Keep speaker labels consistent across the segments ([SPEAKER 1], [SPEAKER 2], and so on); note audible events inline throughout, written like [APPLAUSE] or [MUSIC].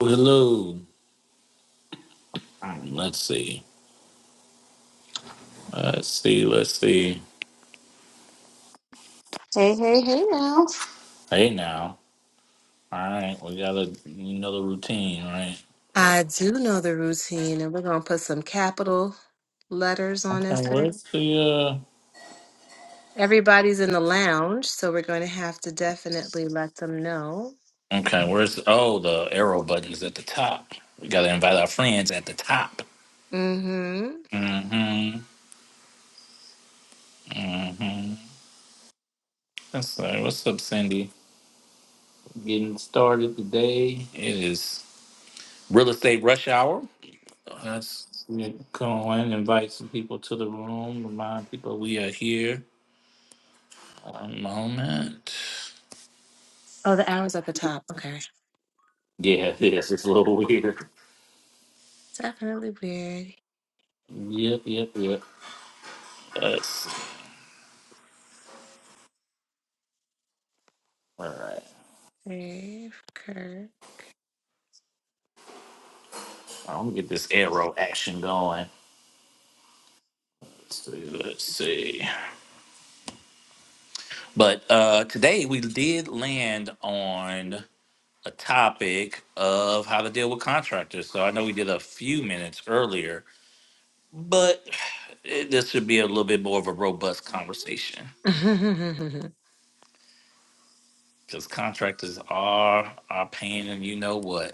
[SPEAKER 1] Hello. Um, Let's see. Let's see. Let's see.
[SPEAKER 2] Hey, hey, hey now.
[SPEAKER 1] Hey now. All right, we got a, another routine, right?
[SPEAKER 2] I do know the routine, and we're going to put some capital letters on this
[SPEAKER 1] Okay,
[SPEAKER 2] thing.
[SPEAKER 1] where's the
[SPEAKER 2] Everybody's in the lounge, so we're going to have to definitely let them know.
[SPEAKER 1] uh? Okay, where's oh the arrow buttons at the top? We gotta invite our friends at the top.
[SPEAKER 2] Mm-hmm.
[SPEAKER 1] Mm-hmm. Mm-hmm. That's right. What's up, Cindy? Getting started today. It is real estate rush hour. Let's go and invite some people to the room. Remind people we are here. One moment.
[SPEAKER 2] Oh, the arrow's at the top. Okay.
[SPEAKER 1] Yeah, [LAUGHS] it is. It's a little weird.
[SPEAKER 2] Definitely weird.
[SPEAKER 1] Yep, yep, yep. Let's see. All right.
[SPEAKER 2] Dave Kirk.
[SPEAKER 1] I'm gonna get this arrow action going. Let's see. Let's see. But uh, today we did land on a topic of how to deal with contractors. So I know we did a few minutes earlier, but it, this should be a little bit more of a robust conversation
[SPEAKER 2] [LAUGHS]
[SPEAKER 1] because contractors are are pain, and you know what.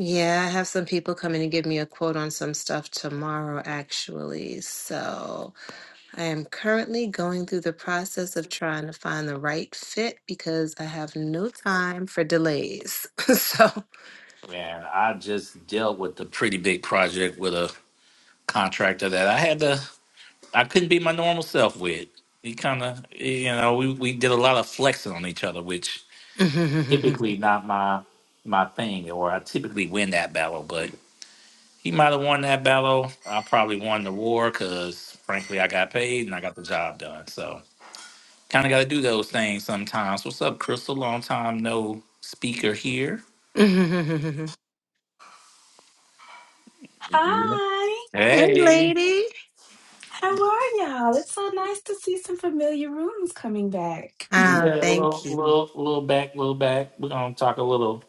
[SPEAKER 2] yeah, I have some people coming to give me a quote on some stuff tomorrow, actually. So. I am currently going through the process of trying to find the right fit because I have no time for delays. [LAUGHS] so,
[SPEAKER 1] Man, I just dealt with a pretty big project with a contractor that I had to, I couldn't be my normal self with. He kind of, you know, we, we did a lot of flexing on each other, which
[SPEAKER 2] [LAUGHS] hey,
[SPEAKER 1] typically not my my thing, or I typically win that battle. But he might have won that battle. I probably won the war because, frankly, I got paid and I got the job done. So kind of got to do those things sometimes. What's up, Crystal? Long time no speaker here.
[SPEAKER 3] Hi,
[SPEAKER 1] Hey.
[SPEAKER 2] lady.
[SPEAKER 3] how are y'all? It's so nice to see some familiar rooms coming back. [LAUGHS]
[SPEAKER 2] Ah,
[SPEAKER 1] Yeah, a
[SPEAKER 2] thank
[SPEAKER 1] little,
[SPEAKER 2] you.
[SPEAKER 1] little, little back, little back. We're gonna talk a little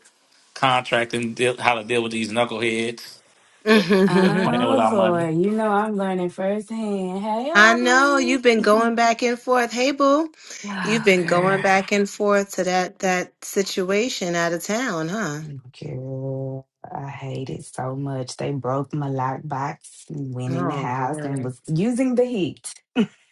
[SPEAKER 1] contract and deal, how to deal with these knuckleheads that that's
[SPEAKER 2] [LAUGHS]
[SPEAKER 1] playing with
[SPEAKER 3] Oh
[SPEAKER 1] our money.
[SPEAKER 3] Lord, you know I'm learning firsthand. Hey
[SPEAKER 2] I know
[SPEAKER 3] Arby.
[SPEAKER 2] you've been going back and forth. Hey, boo, you've
[SPEAKER 3] Oh
[SPEAKER 2] been going
[SPEAKER 3] girl.
[SPEAKER 2] back and forth to that that situation out of town, huh?
[SPEAKER 3] Girl, I hate it so much. They broke my lockbox, went in the
[SPEAKER 2] Oh,
[SPEAKER 3] house and
[SPEAKER 2] Lord.
[SPEAKER 3] was using the heat.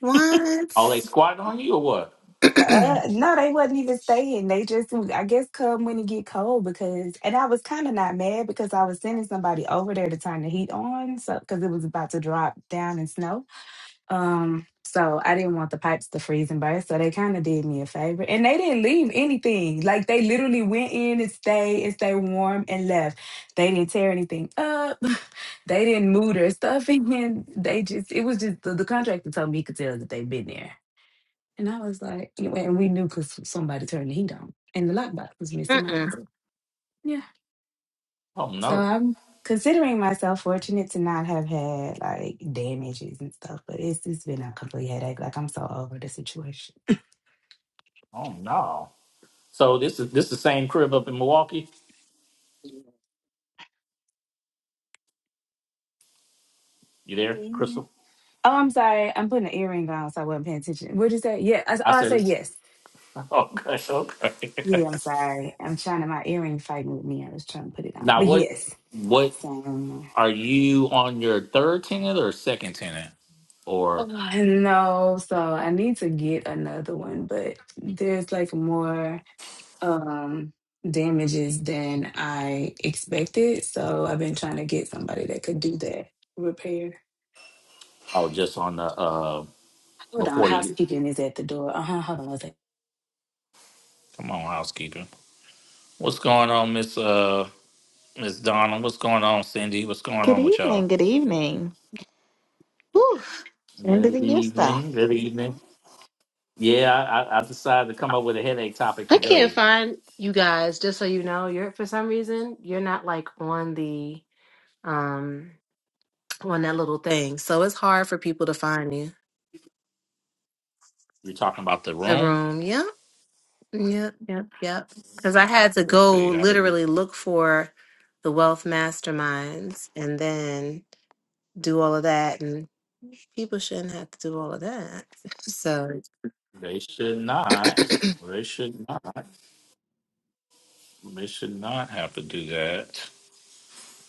[SPEAKER 2] What?
[SPEAKER 1] Are they squatting on you or what?
[SPEAKER 3] Uh, no, they wasn't even staying. They just, I guess, come when it get cold because, and I was kind of not mad because I was sending somebody over there to turn the heat on, so because it was about to drop down in snow. Um, so I didn't want the pipes to freeze and burst, so they kind of did me a favor, and they didn't leave anything. Like they literally went in and stayed and stayed warm and left. They didn't tear anything up. [LAUGHS] They didn't move their stuff [LAUGHS] in. They just, it was just the, the contractor told me he could tell that they've been there. And I was like, anyway, and we knew because somebody turned the heat on and the lockbox was missing
[SPEAKER 2] [CLEARS THROAT]
[SPEAKER 3] off the door. Yeah.
[SPEAKER 1] Oh
[SPEAKER 3] So
[SPEAKER 1] no,
[SPEAKER 3] I'm considering myself fortunate to not have had like damages and stuff, but it's it's been a complete headache. Like I'm so over the situation.
[SPEAKER 1] oh no. So this is this the same crib up in Milwaukee. You there,
[SPEAKER 3] Yeah.
[SPEAKER 1] Crystal?
[SPEAKER 3] Oh, I'm sorry. I'm putting an earring on, so I wasn't paying attention. What'd you say? Yeah. I, s-
[SPEAKER 1] I
[SPEAKER 3] oh, I
[SPEAKER 1] said,
[SPEAKER 3] said
[SPEAKER 1] it's-
[SPEAKER 3] yes.
[SPEAKER 1] [LAUGHS] okay, okay. [LAUGHS]
[SPEAKER 3] Yeah, I'm sorry. I'm trying to, my earring fighting with me. I was trying to put it on.
[SPEAKER 1] now
[SPEAKER 3] But
[SPEAKER 1] what?
[SPEAKER 3] yes.
[SPEAKER 1] What
[SPEAKER 3] Same.
[SPEAKER 1] are you on your third tenant or second tenant, or
[SPEAKER 3] Ugh, I know, so I need to get another one, but there's like more um damages than I expected. So I've been trying to get somebody that could do that repair.
[SPEAKER 1] oh, just on the uh
[SPEAKER 3] Hold on,
[SPEAKER 1] before you?
[SPEAKER 3] housekeeping is at the door. Uh-huh, hold on one second.
[SPEAKER 1] Come on, housekeeper. What's going on, Miss uh? Miss Donna, what's going on, Cindy? What's going
[SPEAKER 4] Good
[SPEAKER 1] on with y'all?
[SPEAKER 4] evening. Good evening. Whew, end
[SPEAKER 1] Good
[SPEAKER 4] of the year
[SPEAKER 1] evening.
[SPEAKER 4] stuff.
[SPEAKER 1] Good evening. Yeah, I, I I decided to come up with a headache topic
[SPEAKER 2] I can't
[SPEAKER 1] today.
[SPEAKER 2] find you guys. Just so you know, you're for some reason you're not like on the um on that little thing, so it's hard for people to find you.
[SPEAKER 1] You're talking about the
[SPEAKER 2] The
[SPEAKER 1] room?
[SPEAKER 2] room. Yep. Yep. Yep. Yep. Because I had to
[SPEAKER 1] Let's
[SPEAKER 2] go
[SPEAKER 1] see. I,
[SPEAKER 2] literally look for the wealth masterminds and then do all of that, and people shouldn't have to do all of that. [LAUGHS] So,
[SPEAKER 1] they should not.
[SPEAKER 2] [CLEARS THROAT]
[SPEAKER 1] They should not. They should not have to do that.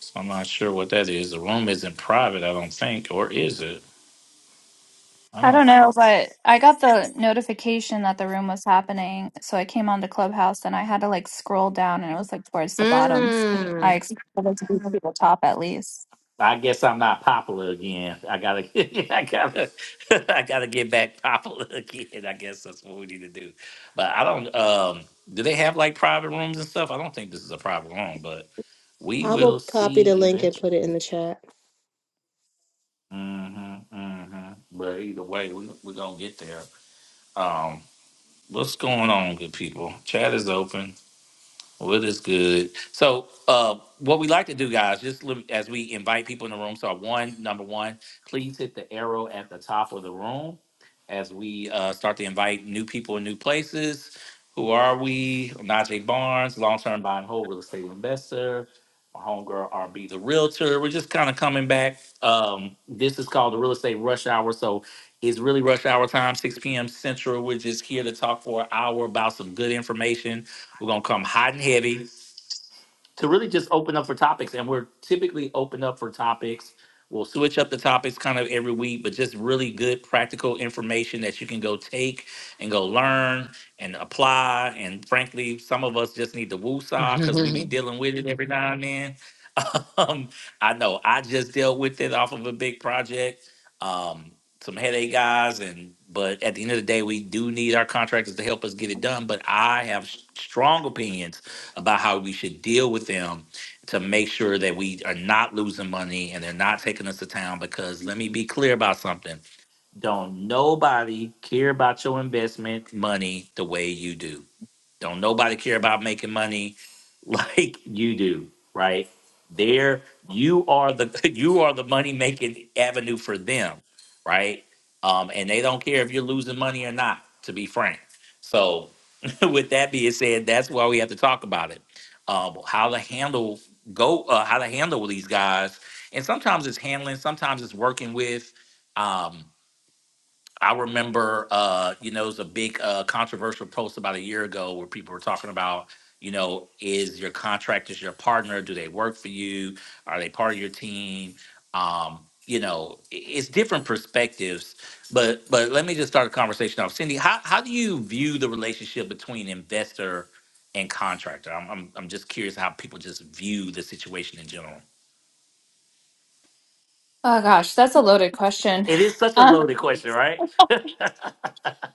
[SPEAKER 1] So I'm not sure what that is. The room isn't private, I don't think, or is it?
[SPEAKER 5] I don't know, but I got the notification that the room was happening. So I came on to Clubhouse and I had to like scroll down and it was like towards the bottom. I
[SPEAKER 2] mm,
[SPEAKER 5] expected it to be to the top at least.
[SPEAKER 1] I guess I'm not popular again. I gotta, [LAUGHS] I gotta, [LAUGHS] I gotta get back popular [LAUGHS] again. I guess that's what we need to do. But I don't. Um, do they have like private rooms and stuff? I don't think this is a private room, but we
[SPEAKER 2] I
[SPEAKER 1] will
[SPEAKER 2] will copy the
[SPEAKER 1] see
[SPEAKER 2] link and
[SPEAKER 1] eventually.
[SPEAKER 2] put it in the chat.
[SPEAKER 1] Mm-hmm, mm-hmm. But either way, we we're gonna get there. Um, what's going on, good people? Chat is open. Well, it is good. So, uh, what we like to do, guys, just li- as we invite people in the room. So, one, number one, please hit the arrow at the top of the room as we uh, start to invite new people in new places. Who are we? Najee Barnes, long term buy and hold real estate investor. My homegirl, RB, the realtor. We're just kind of coming back. Um, this is called the real estate rush hour. So, it's really rush hour time, 6 p.m. Central. We're just here to talk for an hour about some good information we're gonna come hot and heavy to really just open up for topics, and we're typically open up for topics. We'll switch up the topics kind of every week, but just really good practical information that you can go take and go learn and apply. And frankly, some of us just need to woosah because we be
[SPEAKER 2] [LAUGHS]
[SPEAKER 1] dealing with it every now and then. [LAUGHS] Um, I know I just dealt with it off of a big project. Um, some headache guys and but at the end of the day we do need our contractors to help us get it done but i have s- strong opinions about how we should deal with them to make sure that we are not losing money and they're not taking us to town. Because let me be clear about something don't nobody care about your investment money the way you do don't nobody care about making money [LAUGHS] like you do, right? There, you are the [LAUGHS] you are the money making avenue for them, right? Um, and they don't care if you're losing money or not, to be frank. So, [LAUGHS] with that being said, that's why we have to talk about it. Um, how to handle go, uh, how to handle these guys, and sometimes it's handling, sometimes it's working with. Um, I remember, uh, you know, it was a big uh, controversial post about a year ago where people were talking about, you know, is your contractors your partner? Do they work for you? Are they part of your team? Um, you know, i- it's different perspectives. But but let me just start a conversation off. Cindy, how how do you view the relationship between investor and contractor? I'm I'm, I'm just curious how people just view the situation in general.
[SPEAKER 5] Oh gosh, that's a loaded question.
[SPEAKER 1] It is such a
[SPEAKER 5] Um,
[SPEAKER 1] loaded question, right?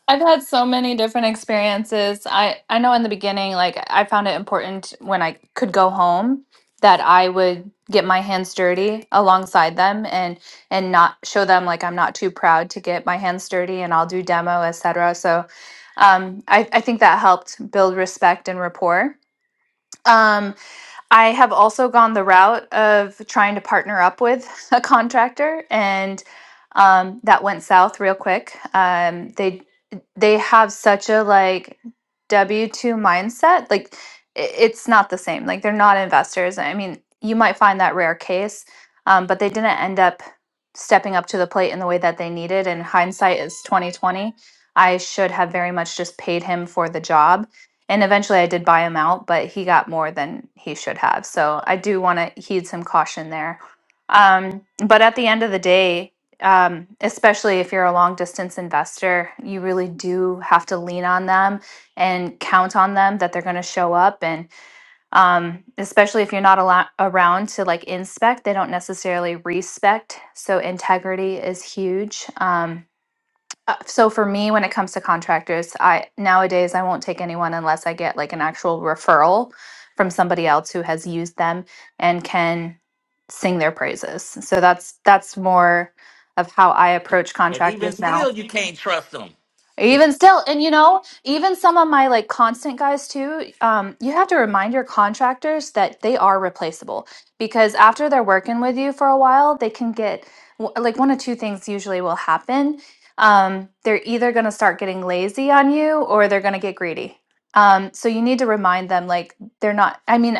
[SPEAKER 5] I've had so many different experiences. I I know in the beginning like I found it important when I could go home that I would get my hands dirty alongside them and and not show them like I'm not too proud to get my hands dirty and I'll do demo, etc. So um I I think that helped build respect and rapport. Um I have also gone the route of trying to partner up with [LAUGHS] a contractor, and um, that went south real quick. Um, they they have such a like W two mindset, like i- it's not the same. Like they're not investors. I mean, you might find that rare case, um, but they didn't end up stepping up to the plate in the way that they needed. And hindsight is twenty twenty. I should have very much just paid him for the job and eventually I did buy him out, but he got more than he should have. So I do want to heed some caution there. Um, but at the end of the day, um, especially if you're a long distance investor, you really do have to lean on them and count on them that they're going to show up. And um, especially if you're not allo- around to like inspect, they don't necessarily respect. So integrity is huge. Um, uh, so for me, when it comes to contractors, I nowadays I won't take anyone unless I get like an actual referral from somebody else who has used them and can sing their praises. So that's that's more of how I approach
[SPEAKER 1] And even
[SPEAKER 5] contractors now.
[SPEAKER 1] still, you can't trust them. [LAUGHS]
[SPEAKER 5] Even still, and you know, even some of my like constant guys too, um, you have to remind your contractors that they are replaceable because after they're working with you for a while, they can get w- like one of two things usually will happen. Um, they're either going to start getting lazy on you or they're going to get greedy. Um, so you need to remind them like they're not, I mean,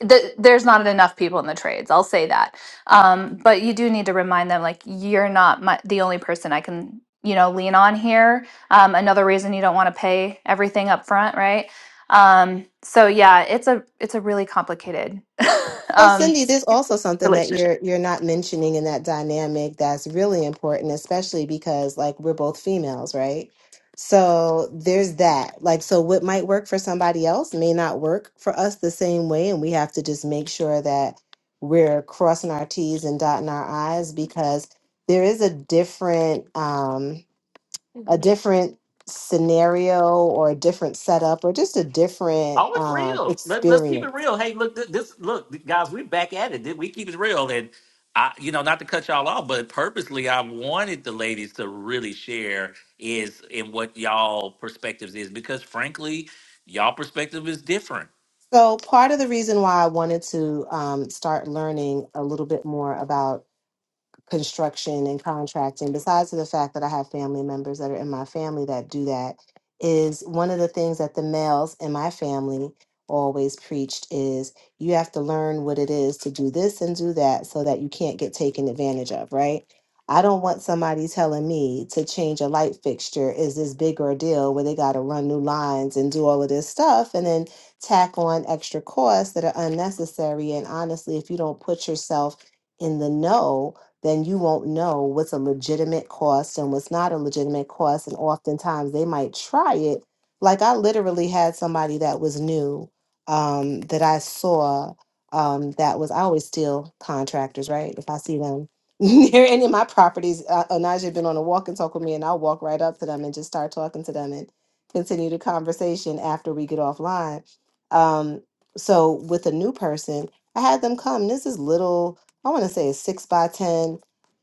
[SPEAKER 5] the, there's not enough people in the trades. I'll say that. Um, but you do need to remind them, like, you're not my, the only person I can, you know, lean on here. Um, another reason you don't want to pay everything up front, right? Um, so yeah, it's a it's a really complicated [LAUGHS]
[SPEAKER 2] So,
[SPEAKER 5] um,
[SPEAKER 2] Cindy, there's also something that
[SPEAKER 5] relationship.
[SPEAKER 2] you're you're not mentioning in that dynamic that's really important, especially because like we're both females, right? So there's that. Like, so what might work for somebody else may not work for us the same way, and we have to just make sure that we're crossing our T's and dotting our I's because there is a different um a different scenario or a different setup or just a different
[SPEAKER 1] Oh, it's
[SPEAKER 2] um
[SPEAKER 1] real. Let's let's keep
[SPEAKER 2] experience
[SPEAKER 1] it real. Hey, look, th- this look, th- guys, we're back at it. Th- We keep it real, and I, you know, not to cut y'all off, but purposely, I wanted the ladies to really share is in what y'all perspectives is because, frankly, y'all perspective is different.
[SPEAKER 2] So, part of the reason why I wanted to um, start learning a little bit more about construction and contracting, besides the fact that I have family members that are in my family that do that, is one of the things that the males in my family always preached is you have to learn what it is to do this and do that so that you can't get taken advantage of, right? I don't want somebody telling me to change a light fixture is this big ordeal where they got to run new lines and do all of this stuff and then tack on extra costs that are unnecessary. And honestly, if you don't put yourself in the know then you won't know what's a legitimate cost and what's not a legitimate cost. And oftentimes they might try it. Like I literally had somebody that was new um, that I saw um, that was, I always steal contractors, right? If I see them [LAUGHS] near any of my properties, uh, Onaje had been on a walk and talk with me, and I'll walk right up to them and just start talking to them and continue the conversation after we get offline. Um, so with a new person, I had them come. This is little I want to say a six by ten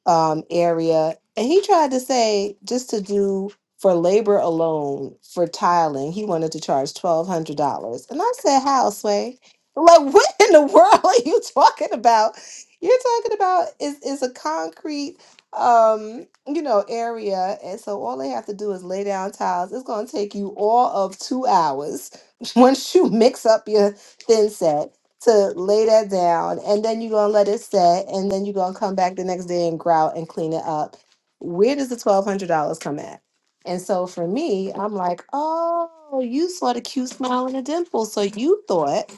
[SPEAKER 2] um, area, and he tried to say just to do for labor alone for tiling, he wanted to charge twelve hundred dollars, and I said, "How, Sway? [LAUGHS] Like, what in the world are you talking about? You're talking about is is a concrete." um you know area and so all they have to do is lay down tiles it's going to take you all of two hours [LAUGHS] once you mix up your thin set to lay that down and then you're gonna let it set and then you're gonna come back the next day and grout and clean it up where does the $1200 come at and so for me i'm like oh you saw the cute smile and the dimple so you thought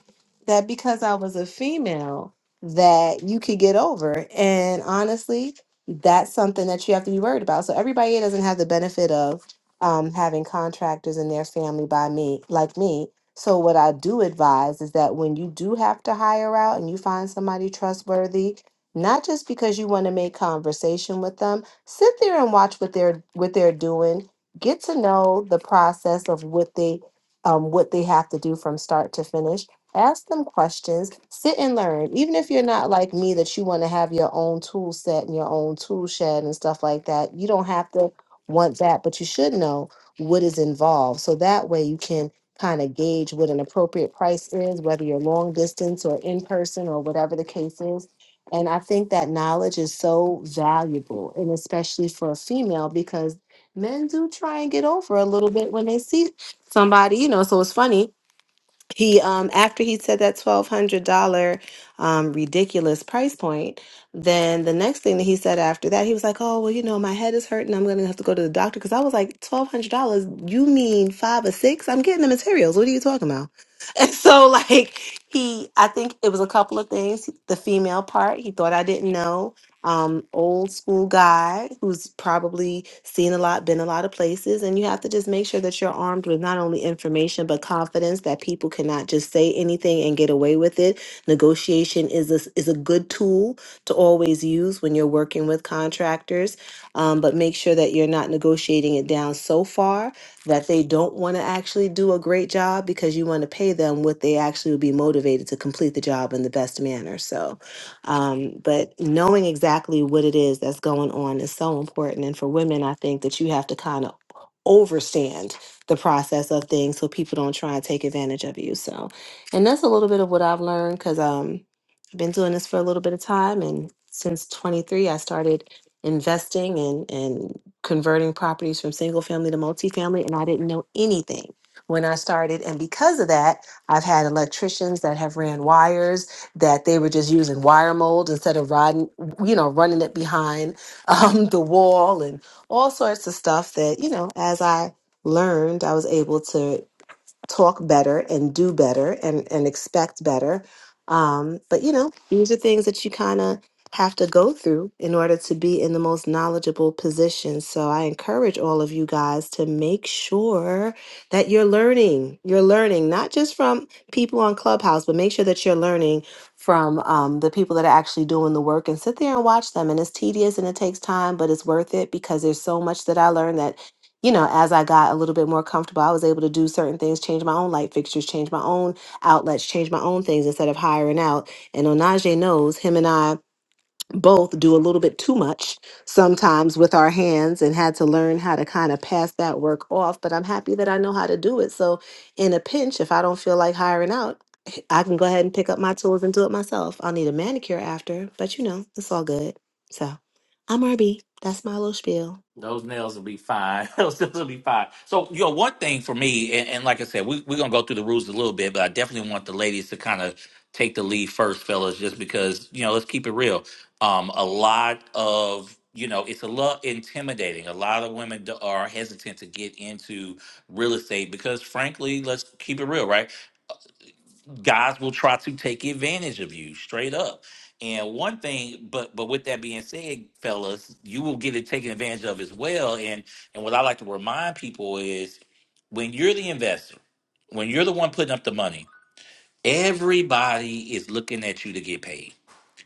[SPEAKER 2] that because i was a female that you could get over and honestly that's something that you have to be worried about so everybody here doesn't have the benefit of um, having contractors in their family by me like me so, what I do advise is that when you do have to hire out and you find somebody trustworthy, not just because you want to make conversation with them, sit there and watch what they're what they're doing. Get to know the process of what they um, what they have to do from start to finish. Ask them questions. Sit and learn. Even if you're not like me, that you want to have your own tool set and your own tool shed and stuff like that. You don't have to want that, but you should know what is involved. So that way you can kind of gauge what an appropriate price is, whether you're long distance or in person or whatever the case is. And I think that knowledge is so valuable, and especially for a female, because men do try and get over a little bit when they see somebody, you know. So it's funny he um after he said that twelve hundred dollar um ridiculous price point then the next thing that he said after that he was like oh well you know my head is hurting i'm gonna have to go to the doctor because i was like twelve hundred dollars you mean five or six i'm getting the materials what are you talking about [LAUGHS] And so like he I think it was a couple of things. The female part, he thought I didn't know. Um, old school guy who's probably seen a lot, been a lot of places, and you have to just make sure that you're armed with not only information but confidence that people cannot just say anything and get away with it. Negotiation is a, is a good tool to always use when you're working with contractors, um, but make sure that you're not negotiating it down so far that they don't want to actually do a great job because you want to pay them what they actually would be motivated to complete the job in the best manner. So, um, but knowing exactly what it is that's going on is so important. And for women, I think that you have to kind of overstand the process of things so people don't try and take advantage of you. So, and that's a little bit of what I've learned because um, I've been doing this for a little bit of time. And since 23, I started investing and and converting properties from single family to multifamily, and I didn't know anything when I started. And because of that, I've had electricians that have ran wires that they were just using wire mold instead of riding, you know, running it behind [LAUGHS] um, the wall and all sorts of stuff that, you know, as I learned, I was able to talk better and do better and, and expect better. Um, but you know, these are things that you kind of have to go through in order to be in the most knowledgeable position. So I encourage all of you guys to make sure that you're learning. You're learning not just from people on Clubhouse, but make sure that you're learning from um, the people that are actually doing the work and sit there and watch them. And it's tedious and it takes time, but it's worth it because there's so much that I learned that you know, as I got a little bit more comfortable, I was able to do certain things, change my own light fixtures, change my own outlets, change my own things instead of hiring out. And Onaje knows him and I both do a little bit too much sometimes with our hands and had to learn how to kind of pass that work off. But I'm happy that I know how to do it. So in a pinch, if I don't feel like hiring out, [LAUGHS] I can go ahead and pick up my tools and do it myself. I'll need a manicure after, but you know, it's all good. So I'm RB. That's my little spiel.
[SPEAKER 1] Those nails will be fine. [LAUGHS] Those nails will be fine. So, you know, one thing for me, and, and like I said, we, we're going to go through the rules a little bit, but I definitely want the ladies to kind of take the lead first, fellas, just because, you know, let's keep it real. Um, a lot of, you know, it's a lot intimidating. A lot of women do- are hesitant to get into real estate because, frankly, let's keep it real, right? guys will try to take advantage of you straight up. And one thing, but but with that being said, fellas, you will get it taken advantage of as well. And and what I like to remind people is when you're the investor, when you're the one putting up the money, everybody is looking at you to get paid.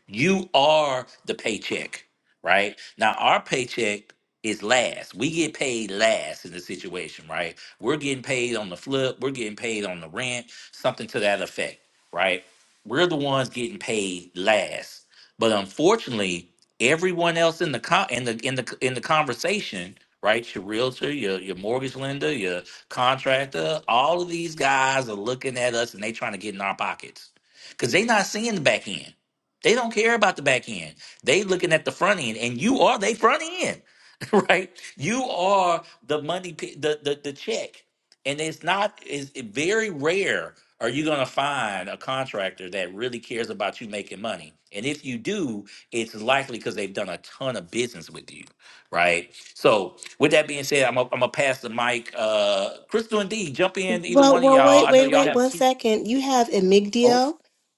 [SPEAKER 1] You are the paycheck, right? Now, our paycheck is last. We get paid last in the situation, right? We're getting paid on the flip, we're getting paid on the rent, something to that effect, right? We're the ones getting paid last. But unfortunately, everyone else in the con- in the in the in the conversation, right? Your realtor, your your mortgage lender, your contractor, all of these guys are looking at us and they trying to get in our pockets because they not seeing the back end. They don't care about the back end. They looking at the front end, and you are they front end, [LAUGHS] right? You are the money, p- the the, the check, and it's not is very rare. Are you going to find a contractor that really cares about you making money? And if you do, it's likely because they've done a ton of business with you, right? So, with that being said, I'm gonna I'm gonna pass the mic. Uh, Crystal and D, jump in, either
[SPEAKER 2] Well,
[SPEAKER 1] one of
[SPEAKER 2] well,
[SPEAKER 1] y'all.
[SPEAKER 2] wait,
[SPEAKER 1] I know
[SPEAKER 2] wait,
[SPEAKER 1] y'all
[SPEAKER 2] wait,
[SPEAKER 1] have
[SPEAKER 2] one
[SPEAKER 1] two.
[SPEAKER 2] second. You have
[SPEAKER 1] Oh,
[SPEAKER 2] Emigdio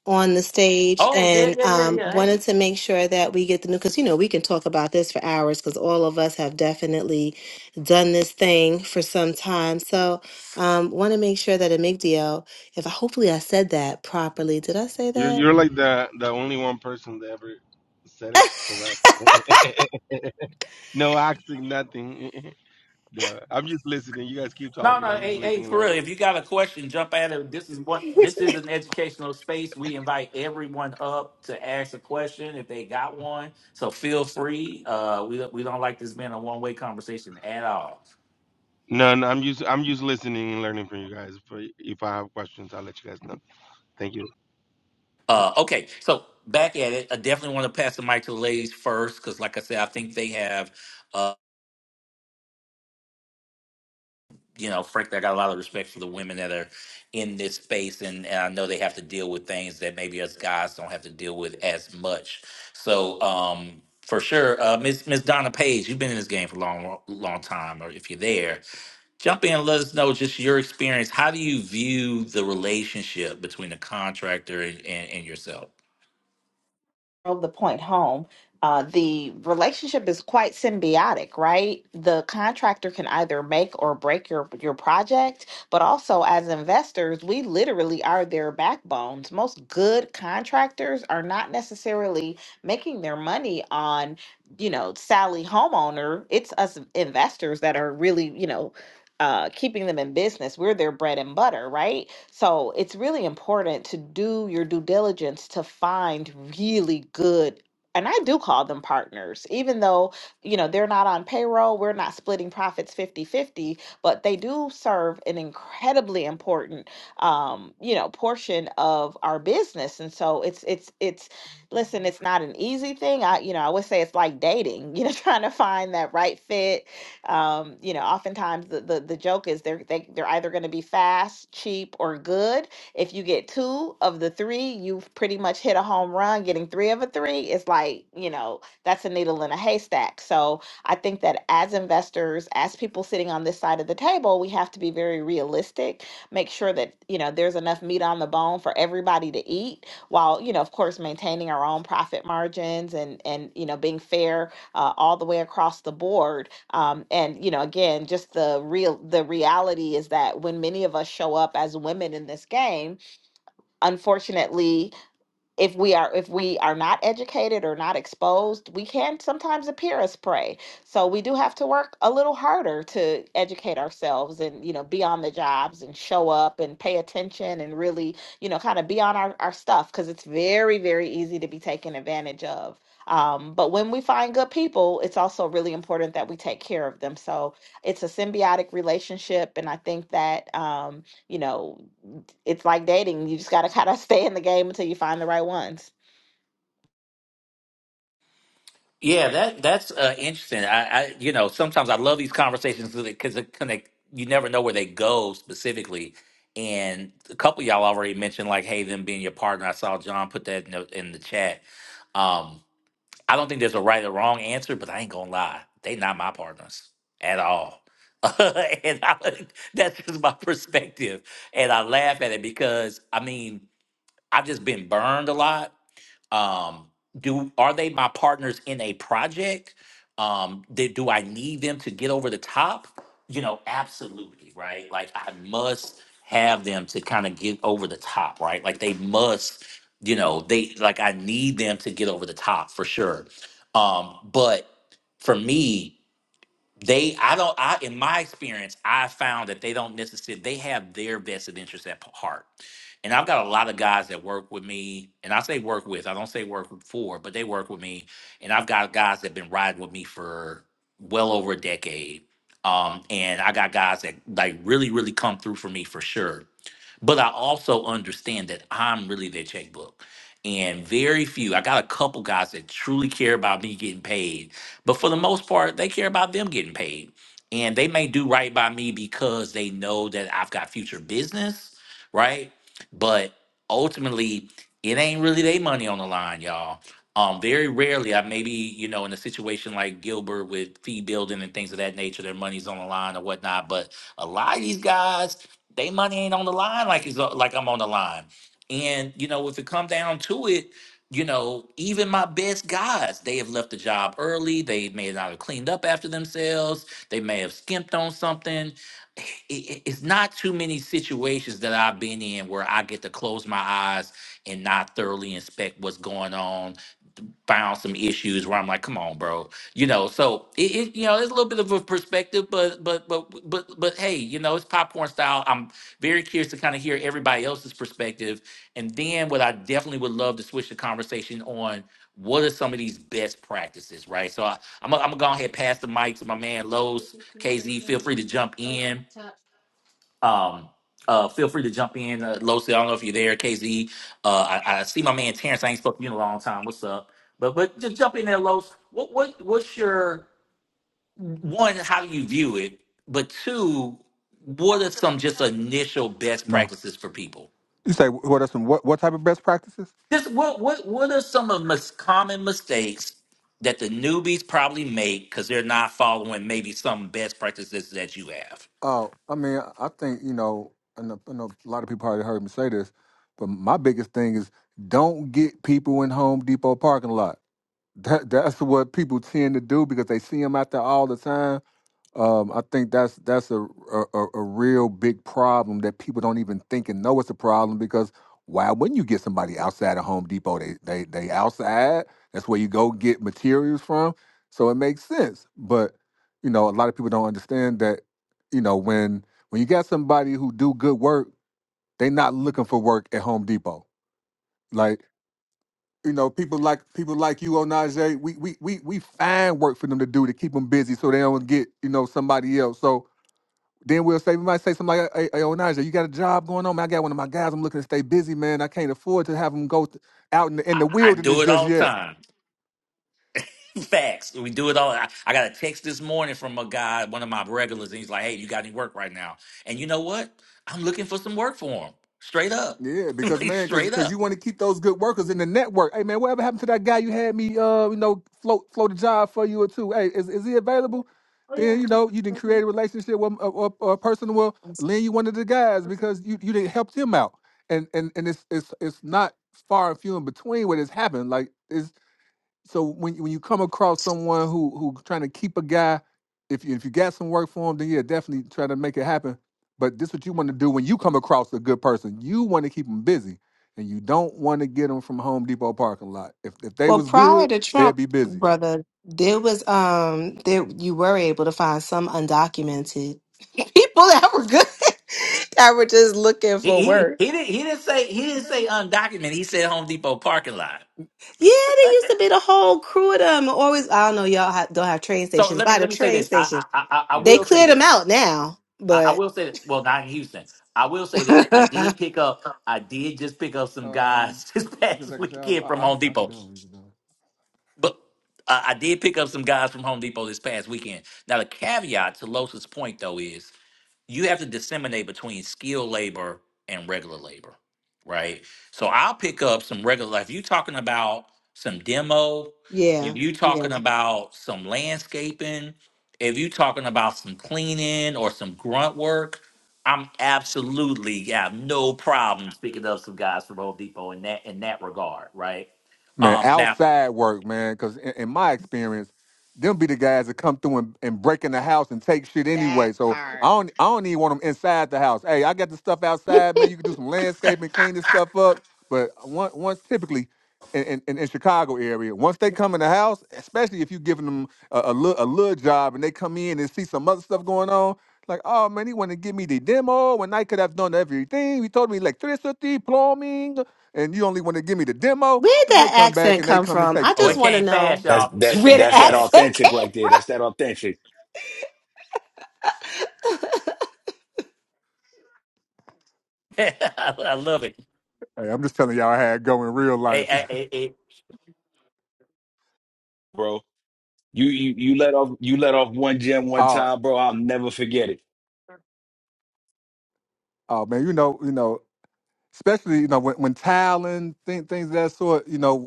[SPEAKER 2] on the stage,
[SPEAKER 1] oh yeah,
[SPEAKER 2] and
[SPEAKER 1] yeah, yeah,
[SPEAKER 2] um,
[SPEAKER 1] yeah. Hey.
[SPEAKER 2] wanted to make sure that we get the new because you know we can talk about this for hours because all of us have definitely done this thing for some time. So, um, want to make sure that Emigdio, if I, hopefully I said that properly. Did I say
[SPEAKER 6] You're
[SPEAKER 2] that?
[SPEAKER 6] you're like the the only one person that ever said it correct. [LAUGHS] No acting, nothing. [LAUGHS] no, I'm just listening. You guys keep
[SPEAKER 1] No,
[SPEAKER 6] talking.
[SPEAKER 1] no,
[SPEAKER 6] I'm just
[SPEAKER 1] hey, hey,
[SPEAKER 6] listening and
[SPEAKER 1] for real.
[SPEAKER 6] learning.
[SPEAKER 1] If you got a question, jump at it. This is what
[SPEAKER 2] [LAUGHS]
[SPEAKER 1] this is an educational space. We invite everyone up to ask a question if they got one. So feel free. Uh, we we don't like this being a one way conversation at all.
[SPEAKER 6] No, no, I'm just I'm just listening and learning from you guys. But if I have questions, I'll let you guys know. Thank you.
[SPEAKER 1] Uh, okay, so back at it. I definitely want to pass the mic to the ladies first because, like I said, I think they have. uh, you know, frankly, I got a lot of respect for the women that are in this space, and, and I know they have to deal with things that maybe us guys don't have to deal with as much. So, um, for sure, uh, Miss Miss Donna Page, you've been in this game for a long, long time, or if you're there, jump in. and Let us know just your experience. How do you view the relationship between the contractor and, and, and yourself?
[SPEAKER 4] Drove the point home. Uh, the relationship is quite symbiotic, right? The contractor can either make or break your your project, but also as investors, we literally are their backbones. Most good contractors are not necessarily making their money on you know Sally homeowner. It's us investors that are really you know uh, keeping them in business. We're their bread and butter, right? So it's really important to do your due diligence to find really good. And I do call them partners, even though, you know, they're not on payroll, we're not splitting profits fifty-fifty, but they do serve an incredibly important, um, you know, portion of our business. And so it's, it's, it's, listen, it's not an easy thing. I, you know, I would say it's like dating, [LAUGHS] you know, trying to find that right fit um, you know, oftentimes the, the, the joke is they're they, they're either going to be fast, cheap, or good. If you get two of the three, you've pretty much hit a home run. Getting three of a three is like you know that's a needle in a haystack. So I think that as investors, as people sitting on this side of the table, we have to be very realistic. Make sure that you know there's enough meat on the bone for everybody to eat, while you know, of course, maintaining our own profit margins and and you know being fair uh, all the way across the board um, and you know again just the real the reality is that when many of us show up as women in this game unfortunately if we are if we are not educated or not exposed we can sometimes appear as prey so we do have to work a little harder to educate ourselves and you know be on the jobs and show up and pay attention and really you know kind of be on our, our stuff because it's very very easy to be taken advantage of um, but when we find good people it's also really important that we take care of them so it's a symbiotic relationship and i think that um, you know it's like dating. You just gotta kind of stay in the game until you find the right ones.
[SPEAKER 1] Yeah, that that's uh, interesting. I, I, you know, sometimes I love these conversations because it connect. You never know where they go specifically. And a couple of y'all already mentioned like, hey, them being your partner. I saw John put that in the, in the chat. Um, I don't think there's a right or wrong answer, but I ain't gonna lie, they not my partners at all. [LAUGHS] and I, that's just my [LAUGHS] perspective. And I laugh at it because I mean, I've just been burned a lot um do are they my partners in a project um do, do i need them to get over the top you know absolutely right like i must have them to kind of get over the top right like they must you know they like i need them to get over the top for sure um but for me they i don't i in my experience i found that they don't necessarily they have their vested interests at p- heart and i've got a lot of guys that work with me and i say work with i don't say work for but they work with me and i've got guys that have been riding with me for well over a decade um, and i got guys that like really really come through for me for sure but I also understand that I'm really their checkbook. And very few, I got a couple guys that truly care about me getting paid. But for the most part, they care about them getting paid. And they may do right by me because they know that I've got future business, right? But ultimately, it ain't really their money on the line, y'all. Um, very rarely, I maybe, you know, in a situation like Gilbert with fee building and things of that nature, their money's on the line or whatnot. But a lot of these guys they money ain't on the line like it's uh, like I'm on the line. And you know, if it come down to it, you know, even my best guys, they have left the job early. They may not have cleaned up after themselves. They may have skimped on something. I- i- It's not too many situations that I've been in where I get to close my eyes and not thoroughly inspect what's going on. Found some issues where I'm like, come on, bro you know so it, it you know it's a little bit of a perspective but but but but but hey you know it's popcorn style i'm very curious to kind of hear everybody else's perspective and then what i definitely would love to switch the conversation on what are some of these best practices right so I, i'm gonna I'm gonna go ahead and pass the mic to my man Lowe's kz feel free to jump in um uh, feel free to jump in, uh, Losi. I don't know if you're there, KZ. Uh, I, I see my man Terrence. I ain't spoke to you in a long time. What's up? But but just jump in there, Los. What what what's your one, how do you view it? But two, what are some just initial best
[SPEAKER 7] No.
[SPEAKER 1] practices for people?
[SPEAKER 7] You say what are some what what type of best practices?
[SPEAKER 1] Just what what what are some of most common mistakes that the newbies probably make because they're not following maybe some best practices that you have?
[SPEAKER 7] Oh, I mean, I think you know, and I know a lot of people already heard me say this, but my biggest thing is don't get people in Home Depot parking lot. That that's what people tend to do because they see them out there all the time, Um, I think that's that's a, a a a real big problem that people don't even think and know it's a problem because why wouldn't you get somebody outside of Home Depot? They they they outside. That's where you go get materials from. So it makes sense. But you know, a lot of people don't understand that. You know, when when you got somebody who do good work, they not looking for work at Home Depot. Like you know, people like people like you, Onaje. We we we we find work for them to do to keep them busy so they don't get you know somebody else. So then we'll say, we might say something like, hey, hey Onaja, you got a job going on? Man, I got one of my guys. I'm looking to stay busy, man. I can't afford to have him go th- out in the, in the
[SPEAKER 1] I, I do
[SPEAKER 7] wilderness
[SPEAKER 1] it
[SPEAKER 7] just
[SPEAKER 1] all the
[SPEAKER 7] yet.
[SPEAKER 1] time. [LAUGHS] Facts. We do it all. I, I got a text this morning from a guy, one of my regulars, and he's like, "Hey, you got any work right now?" And you know what? I'm looking for some work for him. Straight up,
[SPEAKER 7] Yeah,
[SPEAKER 1] [LAUGHS]
[SPEAKER 7] because
[SPEAKER 1] like
[SPEAKER 7] man, because
[SPEAKER 1] straight
[SPEAKER 7] because
[SPEAKER 1] up.
[SPEAKER 7] you want to keep those good workers in the network. Hey man, whatever happened to that guy you had me, uh, you know, float float a job for you or two? Hey, is, is he available? Then you know you didn't create a relationship with a, or a person will lend you one of the guys because you you didn't help them out. And and and it's it's it's not far and few in between what has happened. Like so when when you come across someone who who trying to keep a guy, if you if you got some work for him, then yeah, definitely try to make it happen. But this what you want to do when you come across a good person. You want to keep them busy, and you don't want to get them from Home Depot parking lot. If if they
[SPEAKER 2] Well,
[SPEAKER 7] was
[SPEAKER 2] prior
[SPEAKER 7] good,
[SPEAKER 2] to
[SPEAKER 7] they'd
[SPEAKER 2] Trump,
[SPEAKER 7] be busy.
[SPEAKER 2] brother, there was um there you were able to find some undocumented [LAUGHS] people that were good [LAUGHS] that were just looking
[SPEAKER 1] He
[SPEAKER 2] for
[SPEAKER 1] he didn't
[SPEAKER 2] work.
[SPEAKER 1] he didn't he didn't say he didn't
[SPEAKER 2] Yeah,
[SPEAKER 1] say undocumented. He said Home Depot parking lot.
[SPEAKER 2] there used to be the whole crew of them. Always, I don't know, y'all ha don't have train
[SPEAKER 1] So
[SPEAKER 2] stations.
[SPEAKER 1] let me
[SPEAKER 2] By the
[SPEAKER 1] let me say
[SPEAKER 2] train
[SPEAKER 1] this.
[SPEAKER 2] station,
[SPEAKER 1] I I I, I I
[SPEAKER 2] they
[SPEAKER 7] Yeah.
[SPEAKER 1] will say
[SPEAKER 2] cleared them
[SPEAKER 1] this.
[SPEAKER 2] out now.
[SPEAKER 1] I, I
[SPEAKER 2] But
[SPEAKER 1] will say that, well not in Houston. I will say this. I
[SPEAKER 2] [LAUGHS]
[SPEAKER 1] did pick up I did just pick up some
[SPEAKER 7] Um,
[SPEAKER 1] guys [LAUGHS] this
[SPEAKER 7] you can
[SPEAKER 1] past
[SPEAKER 7] take a shower.
[SPEAKER 1] weekend from
[SPEAKER 7] I, I'll
[SPEAKER 1] Home
[SPEAKER 7] be I'll be
[SPEAKER 1] Depot.
[SPEAKER 7] done.
[SPEAKER 1] But I I did pick up some guys from Home Depot this past weekend. Now the caveat to Los's point though is you have to disseminate between skilled labor and regular labor, right? So I'll pick up some regular. like, If you're talking about some demo, if
[SPEAKER 2] yeah,
[SPEAKER 1] you're
[SPEAKER 2] yeah.
[SPEAKER 1] talking about some landscaping, if you're talking about some cleaning or some grunt work, I'm absolutely have no problems picking up some guys from Home Depot in that in that regard, right?
[SPEAKER 7] Man,
[SPEAKER 1] Um, now,
[SPEAKER 7] outside work, man. Because in, in my experience, them be the guys that come through and, and break in the house and take shit
[SPEAKER 4] That
[SPEAKER 7] anyway. So I
[SPEAKER 4] part.
[SPEAKER 7] don't, I don't even want them inside the house. Hey, I got the stuff outside, man. You can do some landscaping, clean this stuff up. But once, once typically in, in, in in Chicago area, once they come in the house, especially if you giving them a, a, little, a little job and they come in and see some other stuff going on, like, oh man, he want to give me the demo when I could have done everything. He told me electricity, plumbing, and you only want to give me the demo.
[SPEAKER 2] Where'd
[SPEAKER 7] Man, they
[SPEAKER 2] that
[SPEAKER 7] come back
[SPEAKER 2] accent
[SPEAKER 7] and they
[SPEAKER 2] come
[SPEAKER 7] come and
[SPEAKER 2] from?
[SPEAKER 7] take
[SPEAKER 2] I
[SPEAKER 1] oh,
[SPEAKER 2] just
[SPEAKER 1] it
[SPEAKER 7] stuff.
[SPEAKER 2] want to
[SPEAKER 1] came fast,
[SPEAKER 2] know
[SPEAKER 8] That's
[SPEAKER 1] y'all.
[SPEAKER 8] that
[SPEAKER 1] It
[SPEAKER 2] where
[SPEAKER 1] came
[SPEAKER 2] the
[SPEAKER 8] that's that
[SPEAKER 1] fast.
[SPEAKER 2] accent [LAUGHS]
[SPEAKER 8] authentic
[SPEAKER 2] came
[SPEAKER 8] right there.
[SPEAKER 2] from.
[SPEAKER 8] That's that authentic,
[SPEAKER 1] [LAUGHS] I love it.
[SPEAKER 7] Hey, I'm just telling y'all how it go in real life.
[SPEAKER 8] bro. You you you let off you let off one gem
[SPEAKER 7] [LAUGHS]
[SPEAKER 8] one
[SPEAKER 7] oh,
[SPEAKER 8] time, bro. I'll never forget it.
[SPEAKER 7] oh man, you know, you know, especially you know when when tiling thing, things of that sort. You know,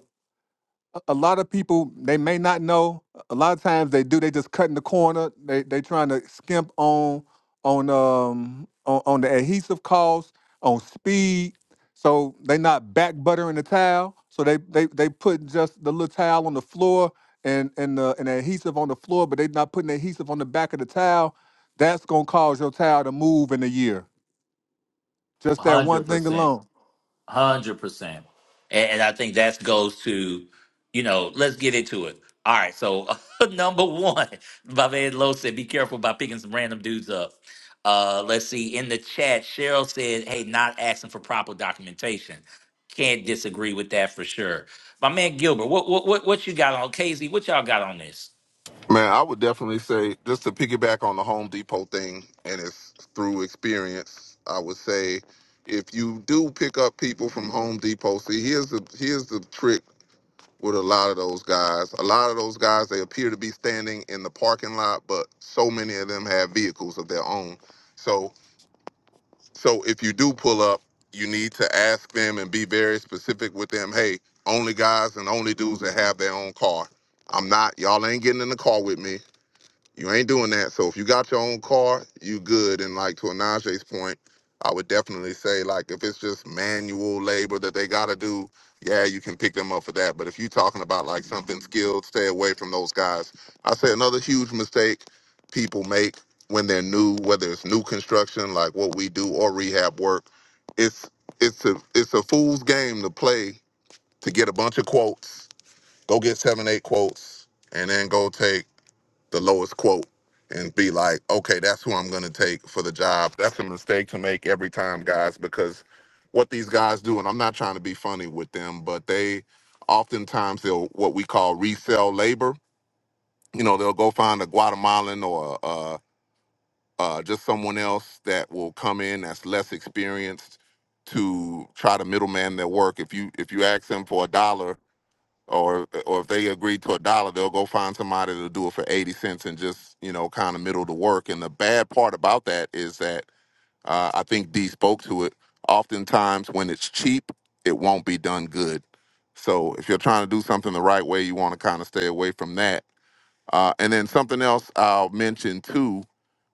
[SPEAKER 7] a lot of people they may not know. A lot of times they do. They just cut in the corner. They they trying to skimp on on um on, on the adhesive cost on speed. So they not back buttering the towel. So they they they put just the little towel on the floor and and the and the adhesive on the floor, but they not putting the adhesive on the back of the towel. That's gonna cause your towel to move in a year. Just that one
[SPEAKER 1] Hundred
[SPEAKER 7] thing
[SPEAKER 1] percent.
[SPEAKER 7] alone.
[SPEAKER 1] Hundred percent, and, and I think that goes to, you know, let's get into it. All right, so [LAUGHS] number one, Baved Low said, "Be careful about picking some random dudes up." Uh, let's see. In the chat, Cheryl said, "Hey, not asking for proper documentation." Can't disagree with that for sure. My man Gilbert, what what what, what you got on Casey? What y'all got on this?
[SPEAKER 9] Man, I would definitely say just to piggyback on the Home Depot thing, and it's through experience. I would say if you do pick up people from Home Depot, see here's the here's the trick with a lot of those guys. A lot of those guys they appear to be standing in the parking lot, but so many of them have vehicles of their own. So so if you do pull up, you need to ask them and be very specific with them. Hey, only guys and only dudes that have their own car. I'm not. Y'all ain't getting in the car with me. You ain't doing that. So if you got your own car, you good. And like to Anaje's point, I would definitely say like if it's just manual labor that they gotta do, yeah, you can pick them up for that. But if you're talking about like something skilled, stay away from those guys. I say another huge mistake people make when they're new, whether it's new construction like what we do or rehab work, it's it's a it's a fool's game to play to get a bunch of quotes, go get seven, eight quotes, and then go take the lowest quote and be like, okay, that's who I'm going to take for the job. That's a mistake to make every time, guys, because what these guys do, and I'm not trying to be funny with them, but they oftentimes they'll what we call resell labor. You know, they'll go find a Guatemalan or uh, uh, just someone else that will come in that's less experienced to try to middleman their work. If you if you ask them for a dollar or or if they agree to a dollar, they'll go find somebody to do it for eighty cents and just you know kind of middle the work. And the bad part about that is that uh, I think D spoke to it. Oftentimes, when it's cheap, it won't be done good. So if you're trying to do something the right way, you want to kind of stay away from that uh, and then something else I'll mention too,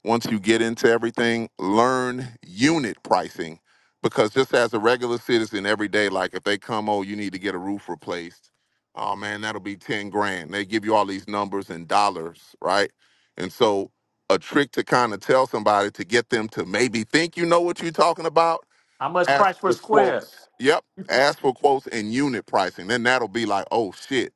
[SPEAKER 9] once you get into everything, learn unit pricing. Because just as a regular citizen every day, like if they come, oh, you need to get a roof replaced, oh man, that'll be 10 grand. They give you all these numbers in dollars, right? And so a trick to kind of tell somebody to get them to maybe think you know what you're talking about,
[SPEAKER 1] How much price
[SPEAKER 9] ask
[SPEAKER 1] per
[SPEAKER 9] for
[SPEAKER 1] square?
[SPEAKER 9] quotes. Yep. Ask for quotes and unit pricing. Then that'll be like, oh shit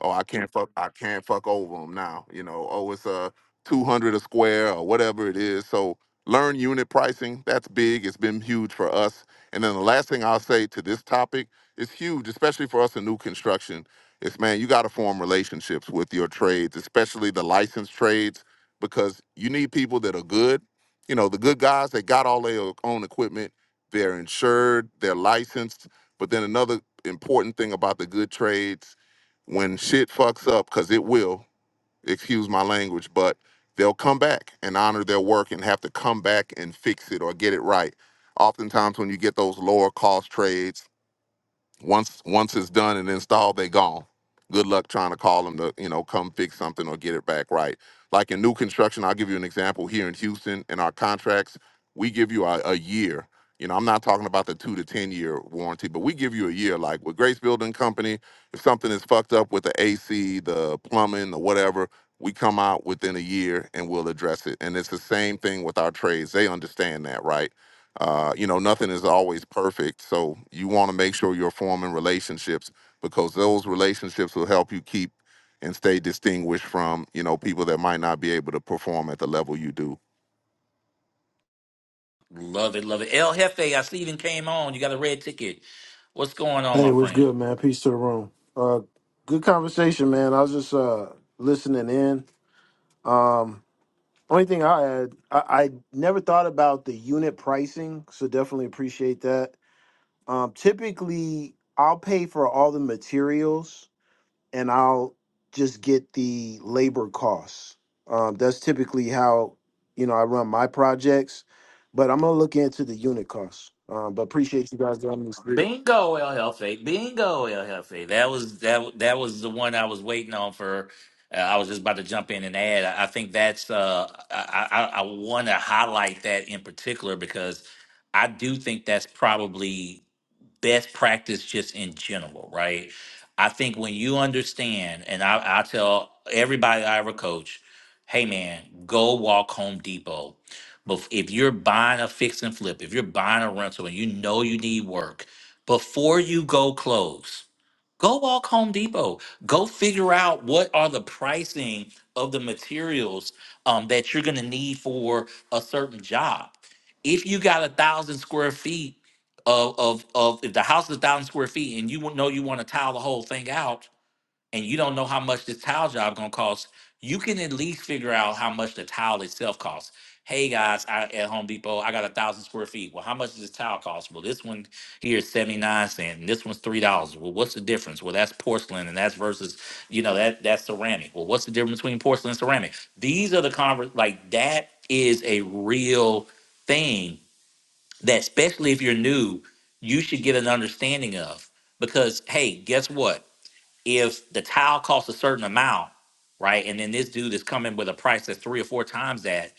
[SPEAKER 9] oh i can't fuck i can't fuck over them now you know oh it's uh, 200 a square or whatever it is so learn unit pricing that's big it's been huge for us and then the last thing i'll say to this topic is huge especially for us in new construction is man you got to form relationships with your trades especially the licensed trades because you need people that are good you know the good guys they got all their own equipment they're insured they're licensed but then another important thing about the good trades when shit fucks up, because it will, excuse my language, but they'll come back and honor their work and have to come back and fix it or get it right. Oftentimes, when you get those lower cost trades, once once it's done and installed, they gone. Good luck trying to call them to you know come fix something or get it back right. Like in new construction, I'll give you an example here in Houston. In our contracts, we give you a, a year. You know, I'm not talking about the two to ten year warranty, but we give you a year. Like with Grace Building Company, if something is fucked up with the AC, the plumbing, the whatever, we come out within a year and we'll address it. And it's the same thing with our trades. They understand that, right? Uh, you know, nothing is always perfect. So you want to make sure you're forming relationships because those relationships will help you keep and stay distinguished from, you know, people that might not be able to perform at the level you do.
[SPEAKER 1] Love it, love it. El Jefe, I see you even came on. You got a red ticket. What's going on, my
[SPEAKER 10] Hey, what's
[SPEAKER 1] friend?
[SPEAKER 10] good, man? Peace to the room. Uh, good conversation, man. I was just uh listening in. Um, only thing I had, I, I never thought about the unit pricing, so definitely appreciate that. Um, typically, I'll pay for all the materials and I'll just get the labor costs. Um, that's typically how you know I run my projects, but I'm gonna look into the unit costs. Um, but appreciate you guys letting me speak.
[SPEAKER 1] Bingo, El Jefe. Bingo, El Jefe. That was that. That was the one I was waiting on for. Uh, I was just about to jump in and add. I I think that's. Uh, I I, I want to highlight that in particular because I do think that's probably best practice just in general, right? I think when you understand, and I, I tell everybody I ever coach, hey man, go walk Home Depot. But if you're buying a fix and flip, if you're buying a rental and you know you need work, before you go close, go walk Home Depot. Go figure out what are the pricing of the materials um, that you're gonna need for a certain job. If you got a thousand square feet of of of if the house is a thousand square feet and you wa- know you want to tile the whole thing out and you don't know how much this tile job gonna cost, you can at least figure out how much the tile itself costs. Hey guys, I at Home Depot, I got a thousand square feet. Well, how much does this tile cost? Well, this one here is 79 cents and this one's three dollars. Well, what's the difference? Well, that's porcelain and that's versus, you know, that that's ceramic. Well, what's the difference between porcelain and ceramic? These are the conver like that is a real thing that especially if you're new, you should get an understanding of. Because hey, guess what? if the tile costs a certain amount, right, and then this dude is coming with a price that's three or four times that,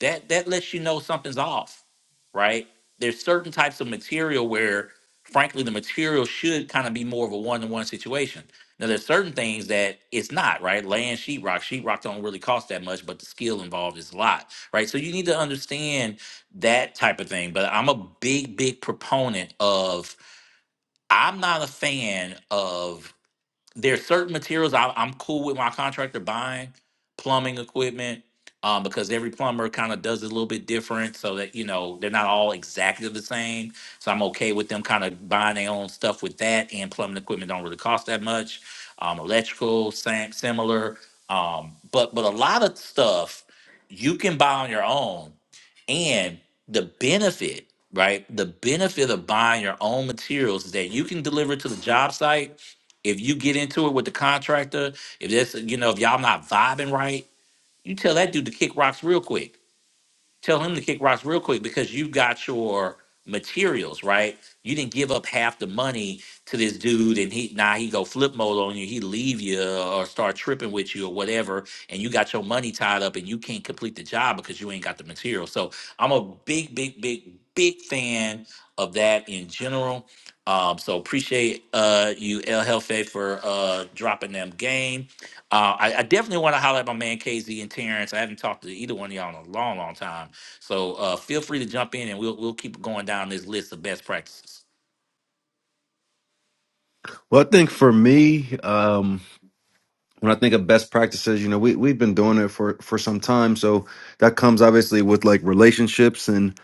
[SPEAKER 1] that that lets you know something's off, right? There's certain types of material where, frankly, the material should kind of be more of a one-to-one situation. Now, there's certain things that it's not, right? Laying sheetrock, sheetrock don't really cost that much, but the skill involved is a lot, right? So you need to understand that type of thing. But I'm a big, big proponent of. I'm not a fan of there's certain materials I, I'm cool with my contractor buying plumbing equipment um, because every plumber kind of does it a little bit different so that you know they're not all exactly the same. So I'm okay with them kind of buying their own stuff with that and plumbing equipment don't really cost that much. Um, electrical, same, similar. Um, but but a lot of stuff you can buy on your own and the benefit, right? The benefit of buying your own materials is that you can deliver it to the job site if you get into it with the contractor, if that's you know, if y'all not vibing right, you tell that dude to kick rocks real quick. Tell him to kick rocks real quick because you got your materials right. You didn't give up half the money to this dude, and he now he go flip mode on you. He leave you or start tripping with you or whatever, and you got your money tied up, and you can't complete the job because you ain't got the material. So I'm a big, big, big, big fan of that in general. Um, so appreciate uh, you, El Jefe, for uh, dropping them game. Uh, I, I definitely want to highlight my man KZ and Terrence. I haven't talked to either one of y'all in a long, long time. So uh, feel free to jump in, and we'll we'll keep going down this list of best practices.
[SPEAKER 11] Well, I think for me, um, when I think of best practices, you know, we we've been doing it for for some time, so that comes obviously with like relationships and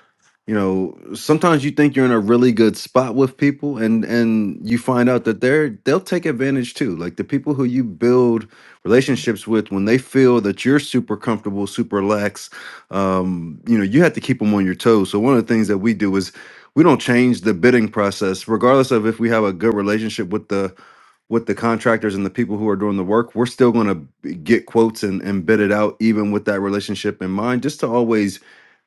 [SPEAKER 11] you know sometimes you think you're in a really good spot with people and and you find out that they're they'll take advantage too like the people who you build relationships with when they feel that you're super comfortable super lax um you know you have to keep them on your toes so one of the things that we do is we don't change the bidding process regardless of if we have a good relationship with the with the contractors and the people who are doing the work, we're still going to get quotes and, and bid it out, even with that relationship in mind, just to always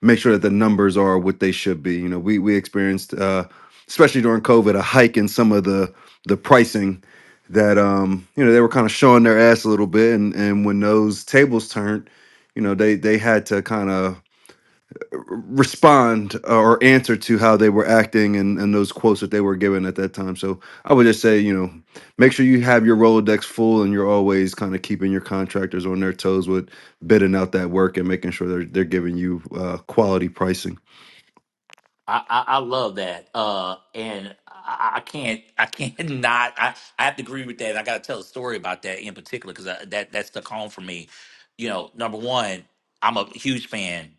[SPEAKER 11] make sure that the numbers are what they should be. You know, we we experienced, uh, especially during COVID, a hike in some of the the pricing that um you know they were kind of showing their ass a little bit, and and when those tables turned, you know they they had to kind of respond uh, or answer to how they were acting and, and those quotes that they were given at that time. So I would just say, you know, make sure you have your Rolodex full and you're always kind of keeping your contractors on their toes with bidding out that work and making sure they're, they're giving you uh, quality pricing.
[SPEAKER 1] I, I, I love that, uh, and I, I can't I can't [LAUGHS] not I, I have to agree with that. And I got to tell a story about that in particular because that that stuck home for me. You know, number one, I'm a huge fan.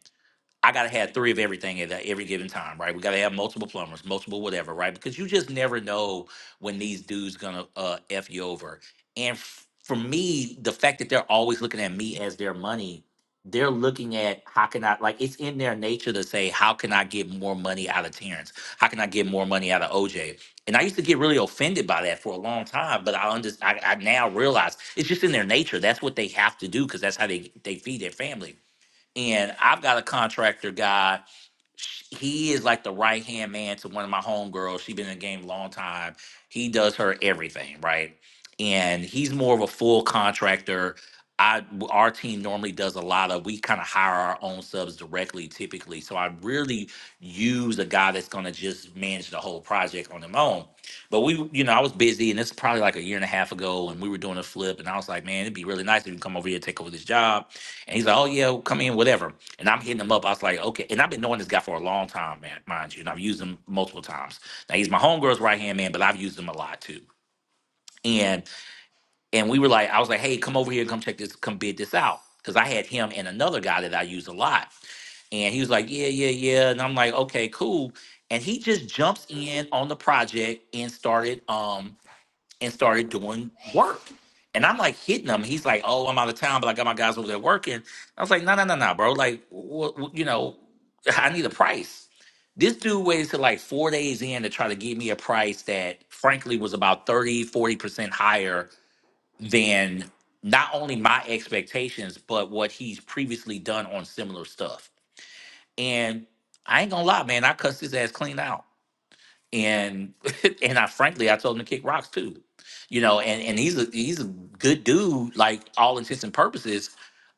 [SPEAKER 1] I gotta have three of everything at that- every given time, right? We gotta have multiple plumbers, multiple whatever, right? Because you just never know when these dudes gonna uh, f you over. And f- for me, the fact that they're always looking at me as their money, they're looking at how can I like it's in their nature to say how can I get more money out of Terrence? How can I get more money out of OJ? And I used to get really offended by that for a long time, but I under I, I now realize it's just in their nature. That's what they have to do because that's how they they feed their family and I've got a contractor guy. sh- He is like the right hand man to one of my homegirls. She's been in the game a long time. He does her everything, right? And he's more of a full contractor. I w- our team normally does a lot of we kind of hire our own subs directly typically. So I really use a guy that's gonna just manage the whole project on his own. But we, you know, I was busy and it's probably like a year and a half ago and we were doing a flip and I was like, man, it'd be really nice if you come over here and take over this job. And he's like, oh yeah, come in, whatever. And I'm hitting him up. I was like, okay. And I've been knowing this guy for a long time, man, mind you. And I've used him multiple times. Now he's my homegirl's right hand man, but I've used him a lot too. And and we were like, I was like, hey, come over here and come check this, come bid this out. Cause I had him and another guy that I used a lot. And he was like, yeah, yeah, yeah. And I'm like, okay, cool. And he just jumps in on the project and started. um and started doing work. And I'm like hitting him. He's like, "Oh, I'm out of town, but I got my guys over there working." I was like, "No, no, no, no, bro. Like, wh- wh- you know, [LAUGHS] I need a price." This dude waited till like four days in to try to give me a price that, frankly, was about 30, 40 percent higher than not only my expectations but what he's previously done on similar stuff. And I ain't gonna lie, man, I cussed his ass clean out and [LAUGHS] and I frankly I told him to kick rocks too, you know. And and he's a he's a good dude, like all intents and purposes.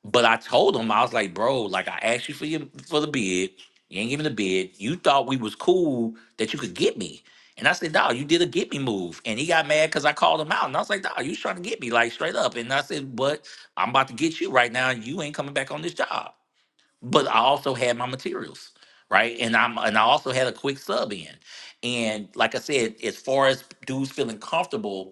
[SPEAKER 1] But I told him I was like, bro, like I asked you for your for the bid, you ain't giving the bid. You thought we was cool that you could get me, and I said, dog, you did a get me move. And he got mad because I called him out, and I was like, dog, you was trying to get me like straight up. And I said, but I'm about to get you right now, and you ain't coming back on this job but I also had my materials, right? And I'm and I also had a quick sub in. And like I said, as far as dudes feeling comfortable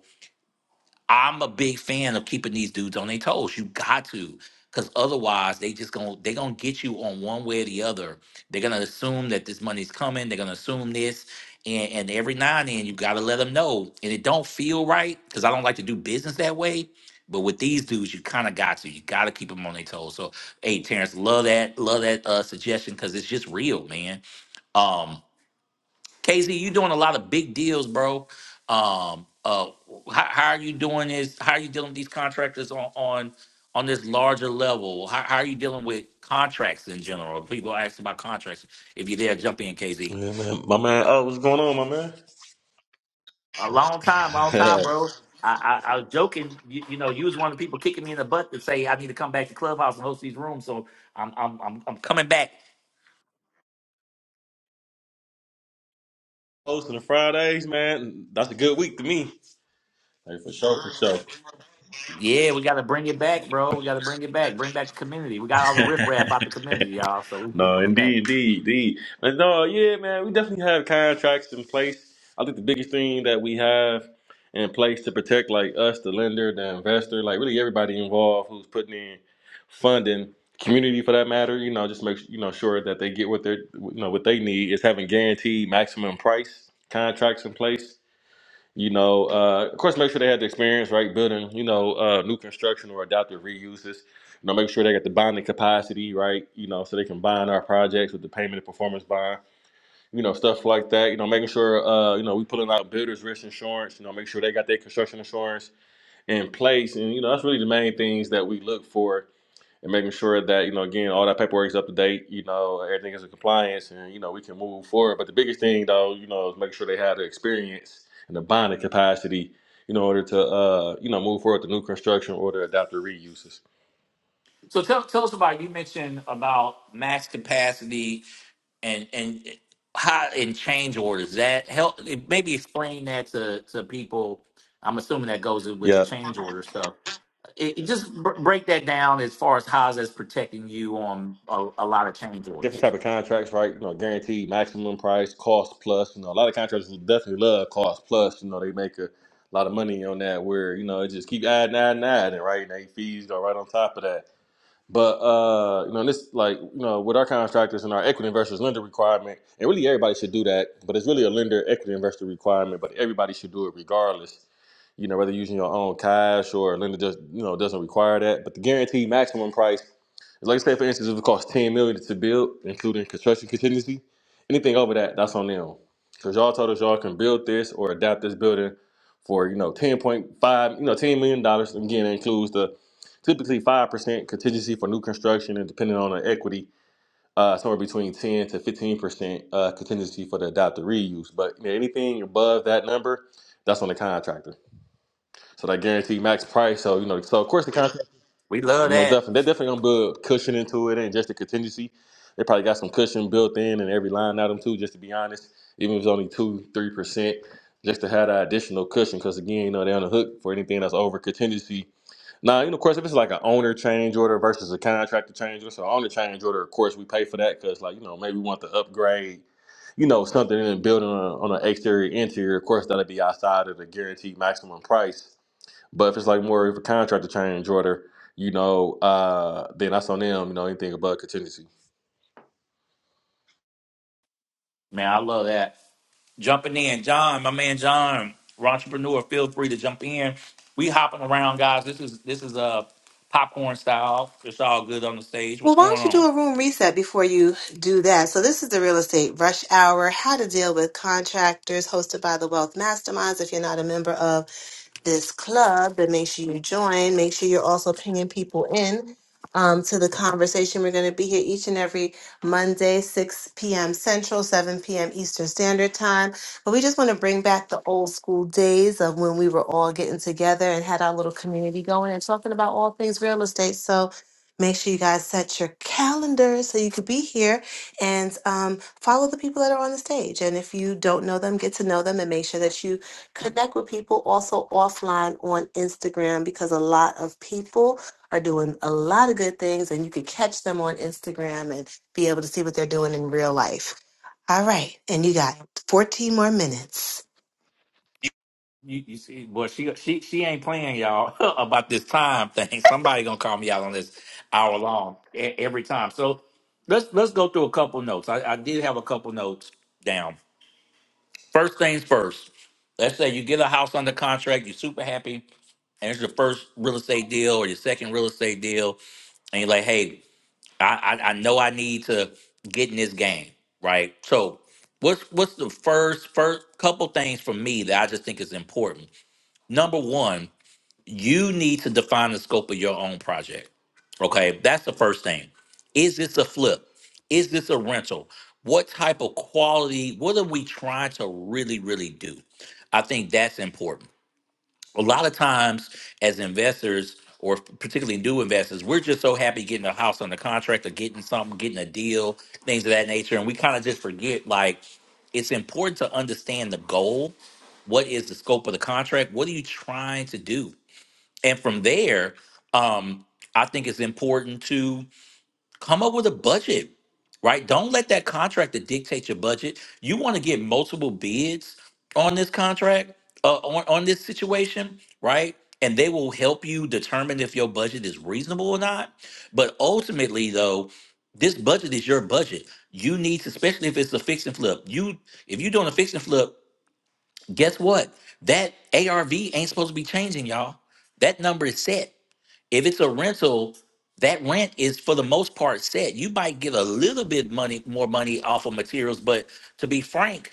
[SPEAKER 1] I'm a big fan of keeping these dudes on their toes. You got to, because otherwise they just gonna they gonna get you on one way or the other. They're gonna assume that this money's coming. They're gonna assume this, and and every now and then you gotta let them know. And it don't feel right because I don't like to do business that way. But with these dudes, you kind of got to. You got to keep them on their toes. So, hey, Terrence, love that, love that uh, suggestion because it's just real, man. Um, KZ, you doing a lot of big deals, bro. Um, uh, how, how are you doing this? How are you dealing with these contractors on on on this larger level? How, how are you dealing with contracts in general? People ask about contracts. If you're there, jump in, KZ.
[SPEAKER 12] Yeah, man. My man, oh, what's going on, my man?
[SPEAKER 1] A long time, long time,
[SPEAKER 12] [LAUGHS]
[SPEAKER 1] bro. I, I, I was joking. You, you know, you was one of the people kicking me in the butt to say I need to come back to Clubhouse and host these rooms. So I'm I'm I'm, I'm coming back.
[SPEAKER 12] Hosting the Fridays, man. That's a good week to me. Hey, for sure, for
[SPEAKER 1] Yeah, we got to bring it back, bro. We got to bring it back. Bring back the community. We got all the
[SPEAKER 12] sure. [LAUGHS]
[SPEAKER 1] riffraff out the community, y'all. So we, we
[SPEAKER 12] no,
[SPEAKER 1] coming back.
[SPEAKER 12] indeed, indeed, indeed. But no, yeah, man, we definitely have contracts in place. I think the biggest thing that we have in place to protect, like us, the lender, the investor, like really everybody involved who's putting in funding, community for that matter, you know, just make you know sure that they get what they're you know what they need is having guaranteed maximum price contracts in place You know, uh, of course, make sure they had the experience, right? Building, you know, uh, new construction or adaptive reuses. You know, make sure they got the bonding capacity, right? You know, so they can bond our projects with the payment and performance bond. You know, stuff like that. You know, making sure, uh, you know, we pulling out builders risk insurance. You know, make sure they got their construction insurance in place. And you know, that's really the main things that we look for and making sure that you know again all that paperwork is up to date you know everything is in compliance and you know we can move forward but the biggest thing though you know is making sure they have the experience and the bonding capacity you know, in order to uh you know move forward to new construction or to adopt the reuses
[SPEAKER 1] So tell tell us about you mentioned about max capacity and and how in change orders that help maybe explain that to to people. I'm assuming that goes in with your
[SPEAKER 12] yeah
[SPEAKER 1] change order stuff. It, it just br- break that down as far as how that's protecting you on a, a lot of change
[SPEAKER 12] different
[SPEAKER 1] orders.
[SPEAKER 12] type of contracts right you know guaranteed maximum price cost plus you know a lot of contractors definitely love cost plus you know they make a lot of money on that where you know it just keep adding adding adding right and they fees go right on top of that But uh, you know, this like you know, with our contractors and our equity investors lender requirement, and really everybody should do that. But it's really a lender equity investor requirement. But everybody should do it regardless. You know, whether using your own cash or a lender just you know doesn't require that. But the guaranteed maximum price like I said, for instance, if it costs ten million dollars to build, including construction contingency, anything over that, that's on them. Because y'all told us y'all can build this or adapt this building for you know ten point five, you know ten million dollars. Again, it includes the typically five percent contingency for new construction, and depending on the equity, uh, somewhere between ten to fifteen percent uh, contingency for the adaptive reuse. But you know, anything above that number, that's on the contractor. So that guarantee max price. So you know, so of course the contractor.
[SPEAKER 1] We love
[SPEAKER 12] And more
[SPEAKER 1] that,
[SPEAKER 12] definitely, they're definitely gonna build cushion into it, and just a contingency. They probably got some cushion built in and every line item too. Just to be honest, even if it's only two, three percent, just to have that additional cushion. Because again, you know they're on the hook for anything that's over contingency. Now, you know, of course, if it's like an owner change order versus a contractor change order, so owner change order, of course, we pay for that because, like, you know, maybe we want to upgrade, you know, something in the building on, on an exterior interior. Of course, that'll be outside of the guaranteed maximum price but if it's like more of a contractor change order, you know, uh, then that's on them. You know, anything above contingency.
[SPEAKER 1] man. I love that. jumping in. John, my man John, entrepreneur, feel free to jump in. We hopping around, guys. This is this is uh, popcorn style. It's all good on the stage.
[SPEAKER 2] Well,
[SPEAKER 1] What's
[SPEAKER 2] why
[SPEAKER 1] going
[SPEAKER 2] don't you
[SPEAKER 1] on?
[SPEAKER 2] do a room reset before you do that? So, this is the Real Estate Rush Hour How to Deal with Contractors, hosted by the Wealth Masterminds. If you're not a member of this club, then make sure you join. Make sure you're also pinging people in um, to the conversation. We're going to be here each and every Monday, 6 p.m. Central, 7 p.m. Eastern Standard Time. But we just want to bring back the old school days of when we were all getting together and had our little community going and talking about all things real estate. So make sure you guys set your calendars so you could be here and um, follow the people that are on the stage. And if you don't know them, get to know them and make sure that you connect with people also offline on Instagram because a lot of people are doing a lot of good things and you can catch them on Instagram and be able to see what they're doing in real life. All right. And you got 14 more minutes.
[SPEAKER 1] You, you see, boy, she she she ain't playing y'all [LAUGHS] about this time thing. Somebody gonna call me out on this hour long e- every time. So let's let's go through a couple notes. I, I did have a couple notes down. First things first. Let's say you get a house under contract. You're super happy, and it's your first real estate deal or your second real estate deal and you're like, hey, I, I I know I need to get in this game, right? So what's what's the first first couple things for me that I just think is important? Number one, you need to define the scope of your own project. Okay, that's the first thing. Is this a flip? Is this a rental? What type of quality? What are we trying to really, really do? I think that's important a lot of times as investors or particularly new investors, we're just so happy getting a house under contract or getting something, getting a deal, things of that nature. And we kind of just forget like it's important to understand the goal. What is the scope of the contract? What are you trying to do? And from there, um, I think it's important to come up with a budget right don't let that contractor dictate your budget you want to get multiple bids on this contract uh, on, on this situation right and they will help you determine if your budget is reasonable or not but ultimately though this budget is your budget you need to especially if it's a fix and flip you if you're doing a fix and flip guess what that arv ain't supposed to be changing y'all that number is set if it's a rental, that rent is for the most part set. You might get a little bit money, more money off of materials, but to be frank,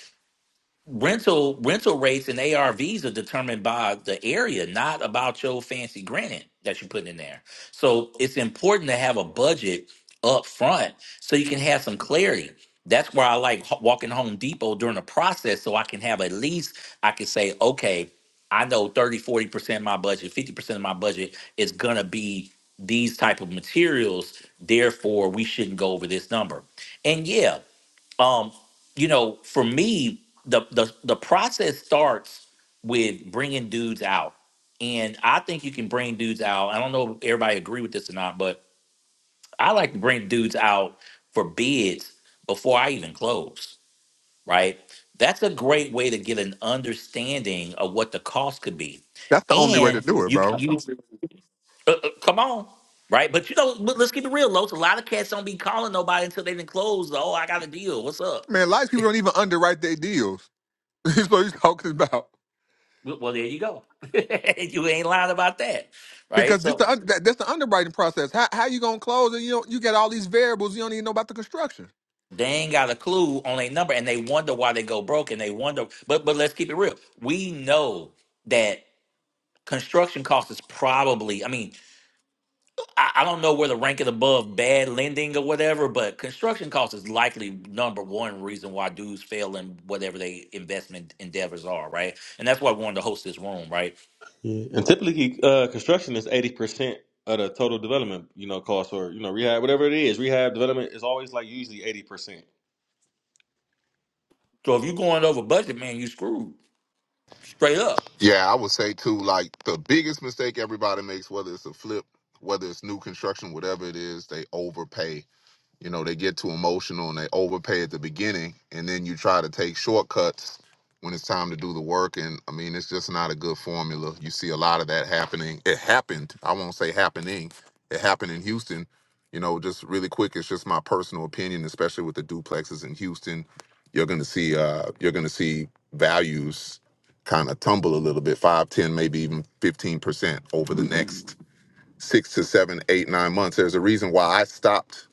[SPEAKER 1] rental rental rates and ARVs are determined by the area, not about your fancy granite that you put in there. So it's important to have a budget up front so you can have some clarity. That's where I like h- walking Home Depot during the process so I can have at least I can say, okay, I know thirty, forty percent of my budget, 50% of my budget is gonna be these type of materials. Therefore, we shouldn't go over this number. And yeah, um you know for me the the the process starts with bringing dudes out and i think you can bring dudes out i don't know if everybody agree with this or not but i like to bring dudes out for bids before i even close right that's a great way to get an understanding of what the cost could be
[SPEAKER 7] That's the only way to
[SPEAKER 1] and
[SPEAKER 7] do it,
[SPEAKER 1] you can
[SPEAKER 7] bro.
[SPEAKER 1] use uh, uh, come on, right? But you know, but let's keep it real, Los. A lot of cats don't be calling nobody until they done closed. Oh, I got a deal. What's up?
[SPEAKER 7] Man, a lot of people don't even underwrite their deals. [LAUGHS] That's what he's talking about.
[SPEAKER 1] Well, well, there you go. [LAUGHS] you ain't lying about that, right?
[SPEAKER 7] Because this
[SPEAKER 1] So
[SPEAKER 7] the un- that, that's the underwriting process. How how you gonna close and you don't, you got all these variables you don't even know about the construction.
[SPEAKER 1] they ain't got a clue on a number, and they wonder why they go broke, and they wonder. But but let's keep it real. We know that construction cost is probably. I mean, I, I don't know where the rank it above bad lending or whatever, but construction cost is likely number one reason why dudes fail in whatever they investment endeavors are, right? And that's why I wanted to host this room, right?
[SPEAKER 12] Yeah. And typically, uh, construction is eighty percent of the total development, you know, cost or you know rehab, whatever it is. Rehab development is always like usually eighty percent.
[SPEAKER 1] So if you're going over budget, man, you screwed straight up.
[SPEAKER 9] Yeah, I would say too, like the biggest mistake everybody makes, whether it's a flip, whether it's new construction, whatever it is, they overpay You know, they get too emotional and they overpay at the beginning, and then you try to take shortcuts when it's time to do the work. And I mean, it's just not a good formula. You see a lot of that happening. It happened. I won't say happening. It happened in Houston. You know, just really quick. It's just my personal opinion, especially with the duplexes in Houston. You're gonna see. Uh, you're gonna see values kind of tumble a little bit, five, ten, maybe even fifteen percent over the next six to seven, eight, nine months. There's a reason why I stopped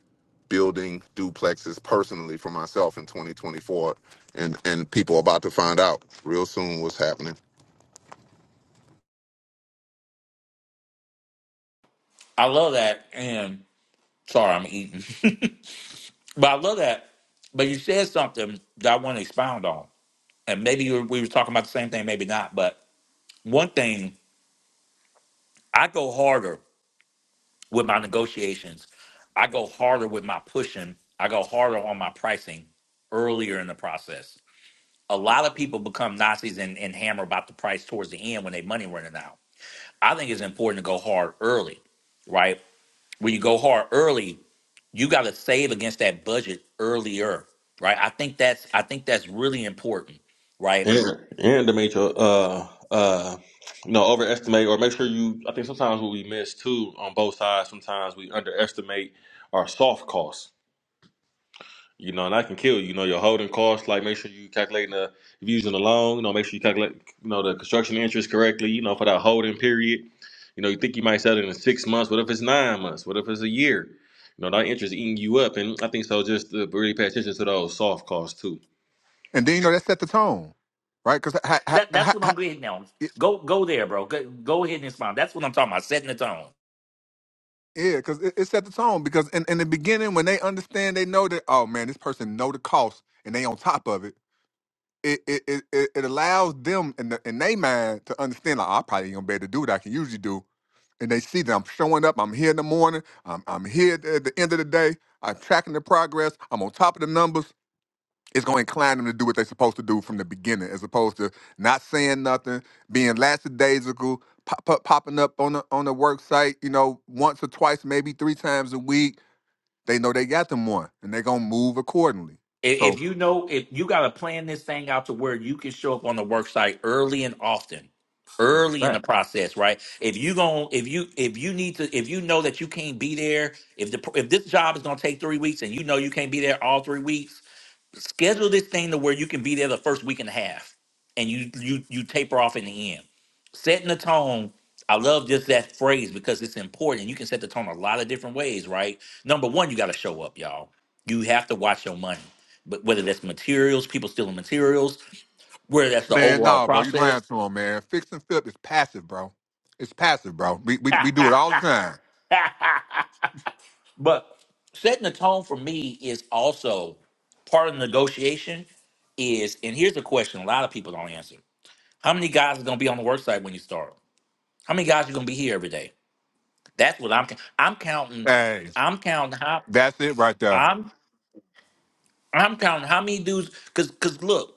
[SPEAKER 9] building duplexes personally for myself in 2024, and and people are about to find out real soon what's happening.
[SPEAKER 1] I love that, and. Sorry, I'm eating. [LAUGHS] but I love that. But you said something that I want to expound on. And maybe you, we were talking about the same thing, maybe not. But one thing, I go harder with my negotiations. I go harder with my pushing. I go harder on my pricing earlier in the process. A lot of people become Nazis and, and hammer about the price towards the end when they money running out. I think it's important to go hard early, right? When you go hard early, you got to save against that budget earlier, right? I think that's I think that's really important, right?
[SPEAKER 12] And and to make your uh uh you know overestimate or make sure you. I think sometimes what we miss too on both sides. Sometimes we underestimate our soft costs You know, and that can kill you. You know, your holding costs, like make sure you calculating the if you're using a loan, you know, make sure you calculate you know the construction interest correctly, you know, for that holding period. You know, you think you might sell it in six months, what if it's nine months? What if it's a year? You know, that interest eating you up. And I think so just to really pay attention to those soft costs too.
[SPEAKER 7] And then you know that set the tone, right? Because how, how,
[SPEAKER 1] That that's
[SPEAKER 7] how,
[SPEAKER 1] what
[SPEAKER 7] how,
[SPEAKER 1] I'm getting now.
[SPEAKER 7] it,
[SPEAKER 1] Go go there, bro. Go, go ahead and respond. That's what I'm talking about. Setting the tone.
[SPEAKER 7] yeah, because it, it set the tone. Because in, in the beginning when they understand, they know that oh man, this person know the cost and they on top of it. it it it, it it allows them in the in their mind to understand like I probably ain't gonna be able to do what I can usually do. And they see that I'm showing up, I'm here in the morning, I'm I'm here at the at the end of the day, I'm tracking the progress, I'm on top of the numbers. It's gonna incline them to do what they're supposed to do from the beginning, as opposed to not saying nothing, being lackadaisical, pop, pop, popping up on the on the work site, you know, once or twice, maybe three times a week. They know they got them one, and they're gonna move accordingly.
[SPEAKER 1] I-
[SPEAKER 7] So
[SPEAKER 1] If you know, if you got to plan this thing out to where you can show up on the work site early and often,
[SPEAKER 7] that's a
[SPEAKER 1] early in the
[SPEAKER 7] fact.
[SPEAKER 1] process, right? If you gon' if you if you need to, if you know that you can't be there, if the if this job is gonna take three weeks and you know you can't be there all three weeks schedule this thing to where you can be there the first week and a half and you you you taper off in the end setting the tone i love just that phrase because it's important you can set the tone a lot of different ways right number one you got to show up y'all you have to watch your money but whether that's materials people stealing materials whether that's the
[SPEAKER 7] Man,
[SPEAKER 1] overall
[SPEAKER 7] nah, bro, you lying
[SPEAKER 1] process
[SPEAKER 7] to him, man. Fix and flip is passive, bro. It's passive, bro. We we, we do it all the
[SPEAKER 1] [LAUGHS]
[SPEAKER 7] time.
[SPEAKER 1] but setting the tone for me is also part of the negotiation is and here's the question a lot of people don't answer How many guys are gonna be on the work site when you start? How many guys are gonna be here every day? That's what I'm. I'm counting.
[SPEAKER 7] Hey,
[SPEAKER 1] I'm counting how.
[SPEAKER 7] that's it right there.
[SPEAKER 1] I'm I'm counting how many dudes. Cause cause look,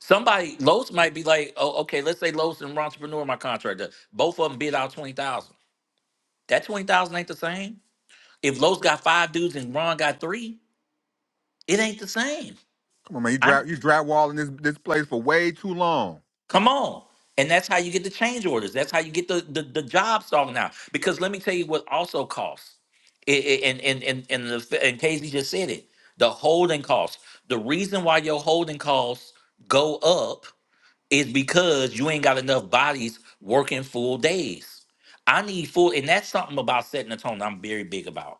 [SPEAKER 1] somebody Los might be like, oh okay, let's say Los and Entrepreneur, my contractor, both of them bid out twenty thousand. That twenty thousand ain't the same. If Los got five dudes and Ron got three, it ain't the same.
[SPEAKER 7] Come on, man. You
[SPEAKER 1] I.
[SPEAKER 7] dry you drywalling this this place for way too long.
[SPEAKER 1] Come on. And that's how you get the change orders. That's how you get the, the, the job sorted out. Because let me tell you what also costs. It, it, and and and and, the, f- and Casey just said it. The holding costs. The reason why your holding costs go up is because you ain't got enough bodies working full days. I need full, and that's something about setting the tone. I'm very big about.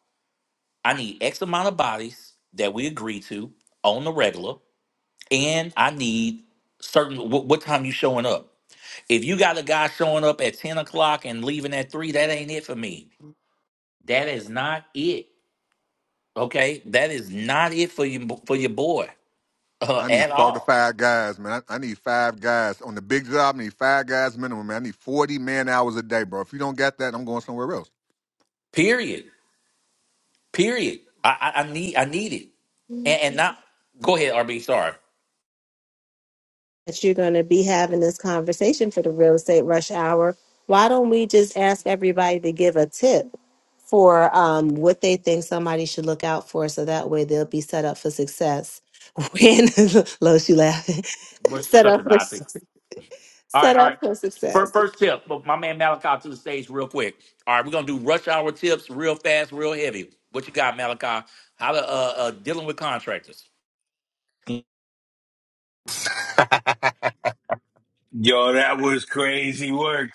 [SPEAKER 1] I need X amount of bodies that we agree to on the regular, and I need certain wh- what time you showing up. If you got a guy showing up at 10 o'clock and leaving at 3, that ain't it for me. That is not it. Okay? That is not it for you for your boy uh,
[SPEAKER 7] I need
[SPEAKER 1] at
[SPEAKER 7] four to
[SPEAKER 1] all.
[SPEAKER 7] five guys, man. I, I need five guys on the big job. I need five guys minimum, man. I need forty man hours a day, bro. If you don't got that, I'm going somewhere else.
[SPEAKER 1] Period. Period. I, I, I need I need it. And,
[SPEAKER 2] that
[SPEAKER 1] and not go ahead, RB. Sorry.
[SPEAKER 2] you're going to be having this conversation for the real estate rush hour. Why don't we just ask everybody to give a tip for um, what they think somebody should look out for so that way they'll be set up for success when, [LAUGHS] Lo, she laughing.
[SPEAKER 1] We're
[SPEAKER 2] set
[SPEAKER 1] such a
[SPEAKER 2] up for
[SPEAKER 1] Nazi. All right,
[SPEAKER 2] set
[SPEAKER 1] all
[SPEAKER 2] up
[SPEAKER 1] right.
[SPEAKER 2] for
[SPEAKER 1] First,
[SPEAKER 2] success.
[SPEAKER 1] first tip. Look, My man Malachi to the stage real quick. All right, we're gonna do rush hour tips real fast, real heavy. What you got, Malachi? How to uh, uh dealing with contractors.
[SPEAKER 13] Um,
[SPEAKER 9] [LAUGHS]
[SPEAKER 8] Yo, that was crazy work.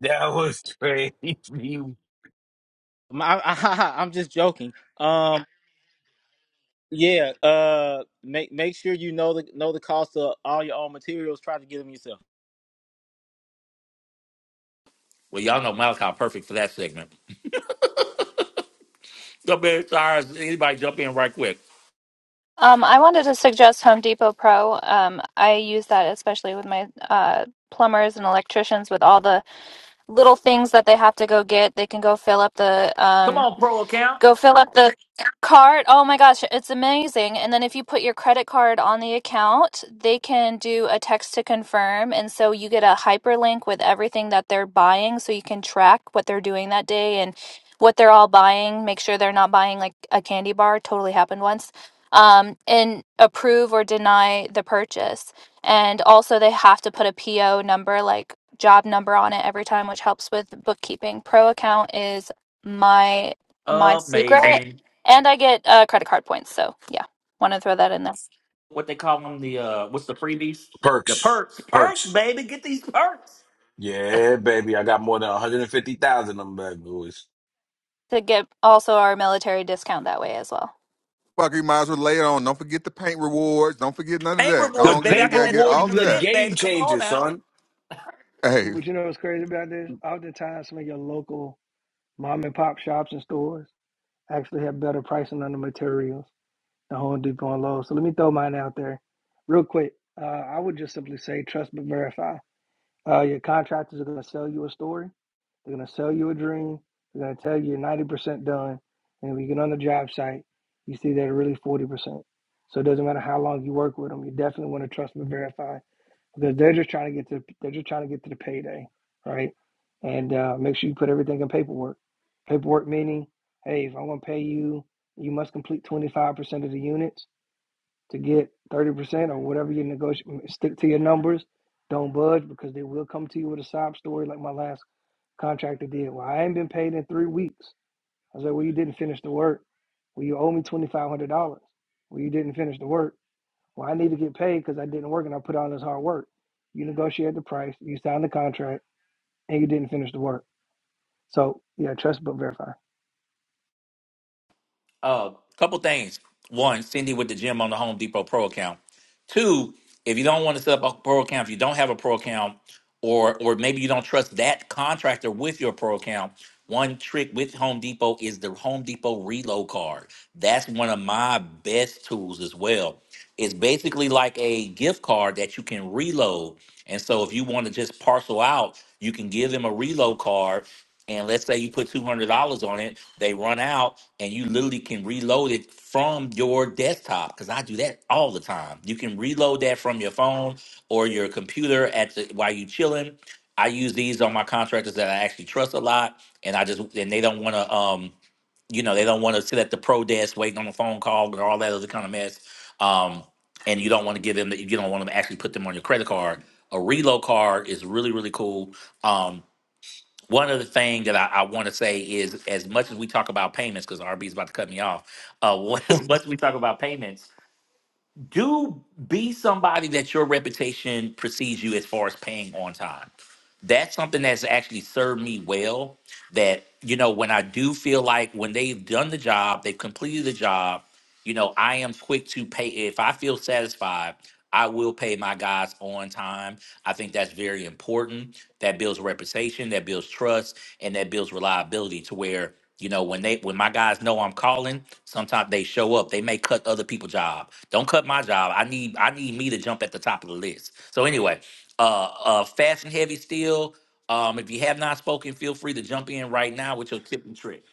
[SPEAKER 8] That was [LAUGHS] crazy.
[SPEAKER 13] I, [LAUGHS] I, I'm just joking. Um, yeah. Uh, make make sure you know the know the cost of all your own materials. Try to get them yourself.
[SPEAKER 1] Well, y'all know Malachi perfect for that segment. Jump in, Cyrus. Anybody jump in right quick?
[SPEAKER 5] Um, I wanted to suggest Home Depot Pro. Um, I use that especially with my uh, plumbers and electricians with all the little things that they have to go get. They can go fill up the
[SPEAKER 1] Come
[SPEAKER 5] um,
[SPEAKER 1] on, pro account.
[SPEAKER 5] Go fill up the card. Oh my gosh, it's amazing. And then if you put your credit card on the account, they can do a text to confirm. And so you get a hyperlink with everything that they're buying so you can track what they're doing that day and what they're all buying. Make sure they're not buying like a candy bar, totally happened once. Um, and approve or deny the purchase. And also, they have to put a PO number, like job number on it every time, which helps with bookkeeping. Pro account is. my my secret
[SPEAKER 1] Amazing.
[SPEAKER 5] and i get uh, credit card points so yeah want to throw that in there
[SPEAKER 1] What they call them? The uh, what's the freebies? The
[SPEAKER 8] Perks.
[SPEAKER 1] perks. Perks,
[SPEAKER 8] Perks.
[SPEAKER 1] baby. Get these perks.
[SPEAKER 8] Yeah, baby. I got more than 150,000 of them bad boys.
[SPEAKER 5] to get also our military discount that way as well
[SPEAKER 7] Fuck, you might as well lay it on. Don't forget the paint rewards. Don't forget none of
[SPEAKER 1] Pay
[SPEAKER 7] that. Go
[SPEAKER 8] The
[SPEAKER 1] rewards,
[SPEAKER 7] on, get
[SPEAKER 1] baby. I
[SPEAKER 7] we
[SPEAKER 8] paper
[SPEAKER 1] got
[SPEAKER 7] gotta
[SPEAKER 1] that
[SPEAKER 7] get
[SPEAKER 1] twenty
[SPEAKER 8] awards
[SPEAKER 7] all
[SPEAKER 8] is
[SPEAKER 7] of
[SPEAKER 8] a
[SPEAKER 7] that.
[SPEAKER 1] percent, baby.
[SPEAKER 8] game
[SPEAKER 1] Come on
[SPEAKER 8] changer,
[SPEAKER 1] now.
[SPEAKER 8] son.
[SPEAKER 7] Hey,
[SPEAKER 14] But you know what's crazy about this? Oftentimes, some of your local mom and pop shops and stores actually have better pricing on the materials than Home Depot and Lowe's. So let me throw mine out there real quick. Uh, I would just simply say trust but verify. Uh, your contractors are going to sell you a story. They're going to sell you a dream. They're going to tell you you're 90% done. And when you get on the job site, you see they're really 40%. So it doesn't matter how long you work with them. You definitely want to trust but verify because they're just trying to get to they're just trying to get to the payday, right? And uh, make sure you put everything in paperwork. Paperwork meaning, hey, if I'm going to pay you, you must complete 25% of the units to get 30% or whatever you negotiate. Stick to your numbers. Don't budge because they will come to you with a sob story like my last contractor did. Well, I ain't been paid in three weeks. I said, well, you didn't finish the work. Well, you owe me $2,500. Well, you didn't finish the work well, I need to get paid because I didn't work and I put on this hard work. You negotiated the price, you signed the contract, and you didn't finish the work. So yeah, trust but verify.
[SPEAKER 1] Uh, couple things. One, Cindy with the gym on the Home Depot Pro account. Two, if you don't want to set up a pro account, if you don't have a pro account, or or maybe you don't trust that contractor with your pro account, one trick with Home Depot is the Home Depot reload card. That's one of my best tools as well. It's basically like a gift card that you can reload. And so if you want to just parcel out, you can give them a reload card and let's say you put two hundred dollars on it, they run out, and you literally can reload it from your desktop. Because I do that all the time. You can reload that from your phone or your computer at the, while you chilling. I use these on my contractors that I actually trust a lot, and I just and they don't want to um you know they don't want to sit at the pro desk waiting on a phone call or all that other kind of mess. Um, and you don't want to give them the, you don't want them to actually put them on your credit card. A reload card is really really cool. Um, one other thing that I, I want to say is as much as we talk about payments, because RB is about to cut me off, uh, [LAUGHS] as much as we talk about payments, do be somebody that your reputation precedes you as far as paying on time. That's something that's actually served me well. That, you know, when I do feel like when they've done the job, they've completed the job, you know, I am quick to pay. If I feel satisfied, I will pay my guys on time. I think that's very important. That builds reputation, that builds trust, and that builds reliability to where you know, when they when my guys know I'm calling, sometimes they show up. They may cut other people's job. Don't cut my job. I need I need me to jump at the top of the list. So anyway, uh uh fast and heavy still. Um if you have not spoken, feel free to jump in right now with your tip and trick.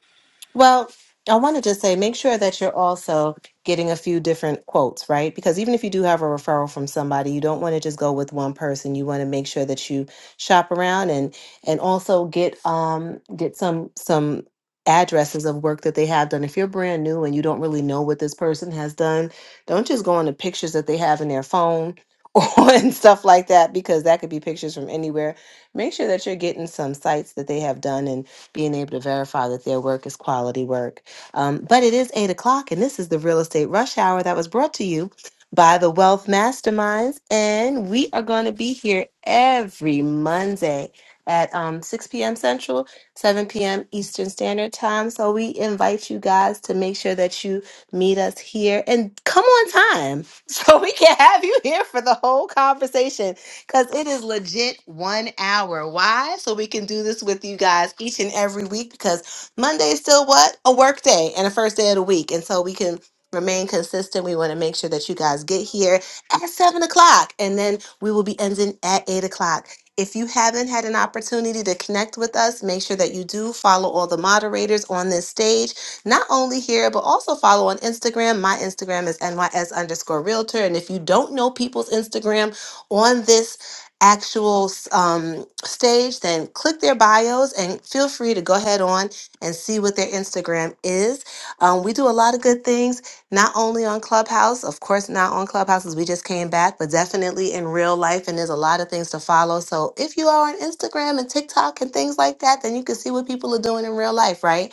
[SPEAKER 2] Well, I want to just say make sure that you're also getting a few different quotes, right? Because even if you do have a referral from somebody, you don't want to just go with one person. You want to make sure that you shop around and and also get um get some some addresses of work that they have done. If you're brand new and you don't really know what this person has done, don't just go on the pictures that they have in their phone [LAUGHS] or and stuff like that because that could be pictures from anywhere. Make sure that you're getting some sites that they have done and being able to verify that their work is quality work. Um, but it is eight o'clock, and this is the real estate rush hour that was brought to you by the Wealth Masterminds. And we are going to be here every Monday at um, 6 p.m. Central, 7 p.m. Eastern Standard Time. So we invite you guys to make sure that you meet us here and come on time [LAUGHS] so we can have you here for the whole conversation because it is legit one hour. Why? So we can do this with you guys each and every week because Monday is still what? A work day and a first day of the week. And so we can remain consistent. We want to make sure that you guys get here at seven o'clock and then we will be ending at eight o'clock. If you haven't had an opportunity to connect with us, make sure that you do follow all the moderators on this stage, not only here, but also follow on Instagram. My Instagram is NYS underscore realtor. And if you don't know people's Instagram, on this actual um, stage, then click their bios and feel free to go ahead on and see what their Instagram is. Um, we do a lot of good things, not only on Clubhouse, of course, not on Clubhouse as we just came back, but definitely in real life. And there's a lot of things to follow. So if you are on Instagram and TikTok and things like that, then you can see what people are doing in real life, right?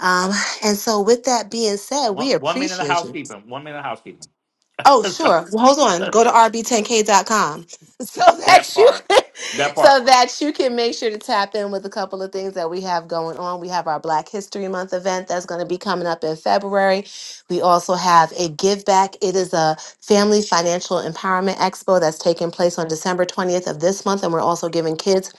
[SPEAKER 2] Um, and so, with that being said, we
[SPEAKER 1] One one minute of
[SPEAKER 2] appreciate you.
[SPEAKER 1] housekeeping. One minute of housekeeping.
[SPEAKER 2] Oh,
[SPEAKER 1] [LAUGHS] So,
[SPEAKER 2] sure. Well, hold on. Go
[SPEAKER 1] [LAUGHS]
[SPEAKER 2] to rb10k.com so [LAUGHS]
[SPEAKER 1] that
[SPEAKER 2] that you
[SPEAKER 1] part.
[SPEAKER 2] can,
[SPEAKER 1] That part.
[SPEAKER 2] so that you can make sure to tap in with a couple of things that we have going on. We have our Black History Month event that's going to be coming up in February. We also have a give back. It is a family financial empowerment expo that's taking place on December 20th of this month and we're also giving kids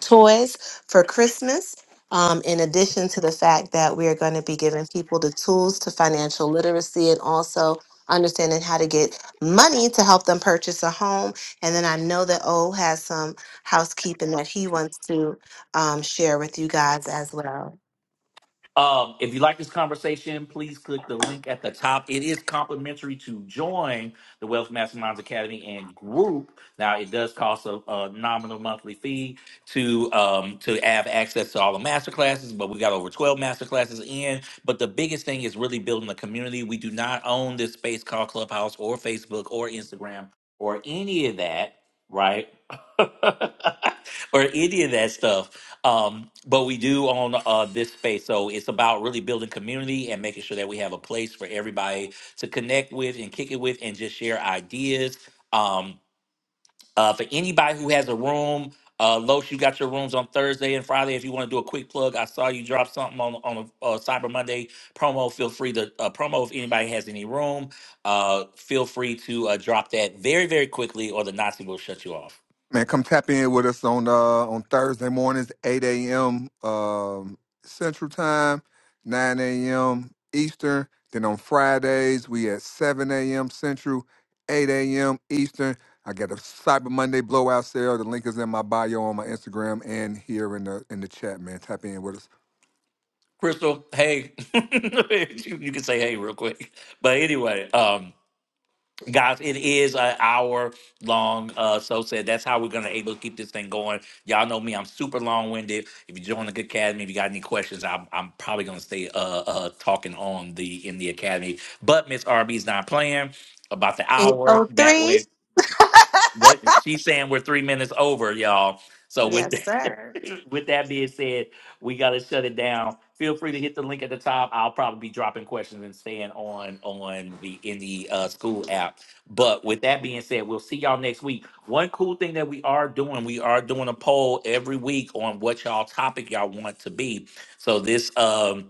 [SPEAKER 2] toys for Christmas. Um, in addition to the fact that we are going to be giving people the tools to financial literacy and also understanding how to get money to help them purchase a home. And then I know that O has some housekeeping that he wants to um, share with you guys as well.
[SPEAKER 1] Um, if you like this conversation, please click the link at the top. It is complimentary to join the Wealth Masterminds Academy and group. Now, it does cost a, a nominal monthly fee to um, to have access to all the master classes, but we got over 12 master classes in. But the biggest thing is really building a community. We do not own this space called Clubhouse or Facebook or Instagram or any of that, right? [LAUGHS] or any of that stuff um, but we do own uh, this space, so it's about really building community and making sure that we have a place for everybody to connect with and kick it with and just share ideas. Um, uh, for anybody who has a room, uh, Los, you got your rooms on Thursday and Friday. If you want to do a quick plug, I saw you drop something on on a, uh Cyber Monday promo. Feel free to uh, promo if anybody has any room. Uh, feel free to uh, drop that very very quickly, or the Nazi will shut you off.
[SPEAKER 7] Man, come tap in with us on uh on Thursday mornings, eight a.m. Um, Central Time, nine a.m. Eastern. Then on Fridays we at seven a.m. Central, eight a.m. Eastern. I got a Cyber Monday blowout sale. The link is in my bio on my Instagram and here in the in the chat. Man, tap in with us.
[SPEAKER 1] Crystal, hey, [LAUGHS] you you can say hey real quick. But anyway, um, guys, it is an hour long. Uh, so said that's how we're gonna able to keep this thing going. Y'all know me, I'm super long winded. If you join the academy, if you got any questions, I'm, I'm probably gonna stay uh, uh talking on the in the academy. But Miss RB's not playing about the hour. That way
[SPEAKER 2] 803.
[SPEAKER 1] what she's saying we're three minutes over, y'all. So with
[SPEAKER 2] Yes, sir.
[SPEAKER 1] [LAUGHS] with that being said, we gotta shut it down. Feel free to hit the link at the top. I'll probably be dropping questions and staying on on the in the uh, school app. But with that being said, we'll see y'all next week. One cool thing that we are doing, we are doing a poll every week on what y'all topic y'all want to be. So this um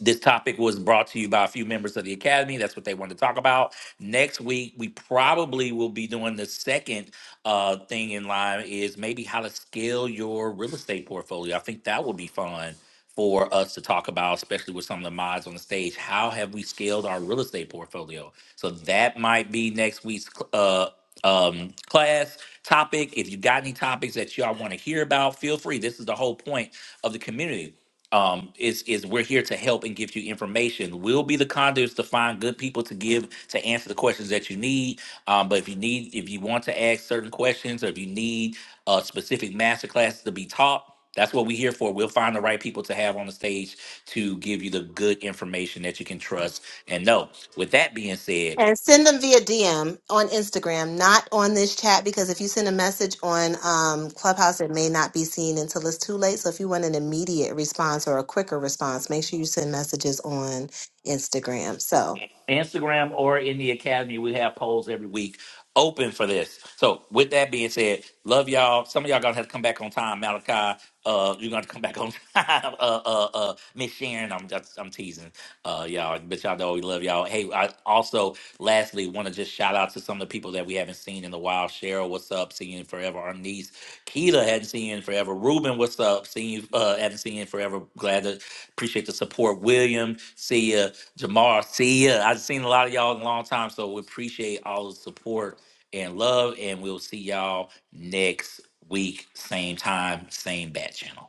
[SPEAKER 1] this topic was brought to you by a few members of the Academy. That's what they wanted to talk about. Next week, we probably will be doing the second uh, thing in line is maybe how to scale your real estate portfolio. I think that would be fun for us to talk about, especially with some of the mods on the stage. How have we scaled our real estate portfolio? So that might be next week's cl- uh, um, class topic. If you got any topics that y'all want to hear about, feel free. This is the whole point of the community um is is we're here to help and give you information we'll be the conduits to find good people to give to answer the questions that you need um but if you need if you want to ask certain questions or if you need a specific master to be taught that's what we're here for we'll find the right people to have on the stage to give you the good information that you can trust and know with that being said
[SPEAKER 2] And send them via DM on Instagram, not on this chat, because if you send a message on um, Clubhouse, it may not be seen until it's too late. So if you want an immediate response or a quicker response, make sure you send messages on Instagram. So.
[SPEAKER 1] Instagram or in the academy. We have polls every week open for this. So with that being said, love y'all. Some of y'all gonna have to come back on time, Malachi. Uh, you're gonna have to come back on [LAUGHS] time. Uh, uh, uh, Miss Sharon, I'm just, I'm teasing, uh, y'all, but y'all know we love y'all. Hey, I also lastly want to just shout out to some of the people that we haven't seen in a while. Cheryl, what's up? Seeing you in forever. Our niece, Keita, hadn't seen you in forever. Ruben, what's up? Seeing you, uh, haven't seen you in forever. Glad to appreciate the support. William, see ya. Jamar, see ya. I've seen a lot of y'all in a long time, so we appreciate all the support and love, and we'll see y'all next week, same time, same bat channel.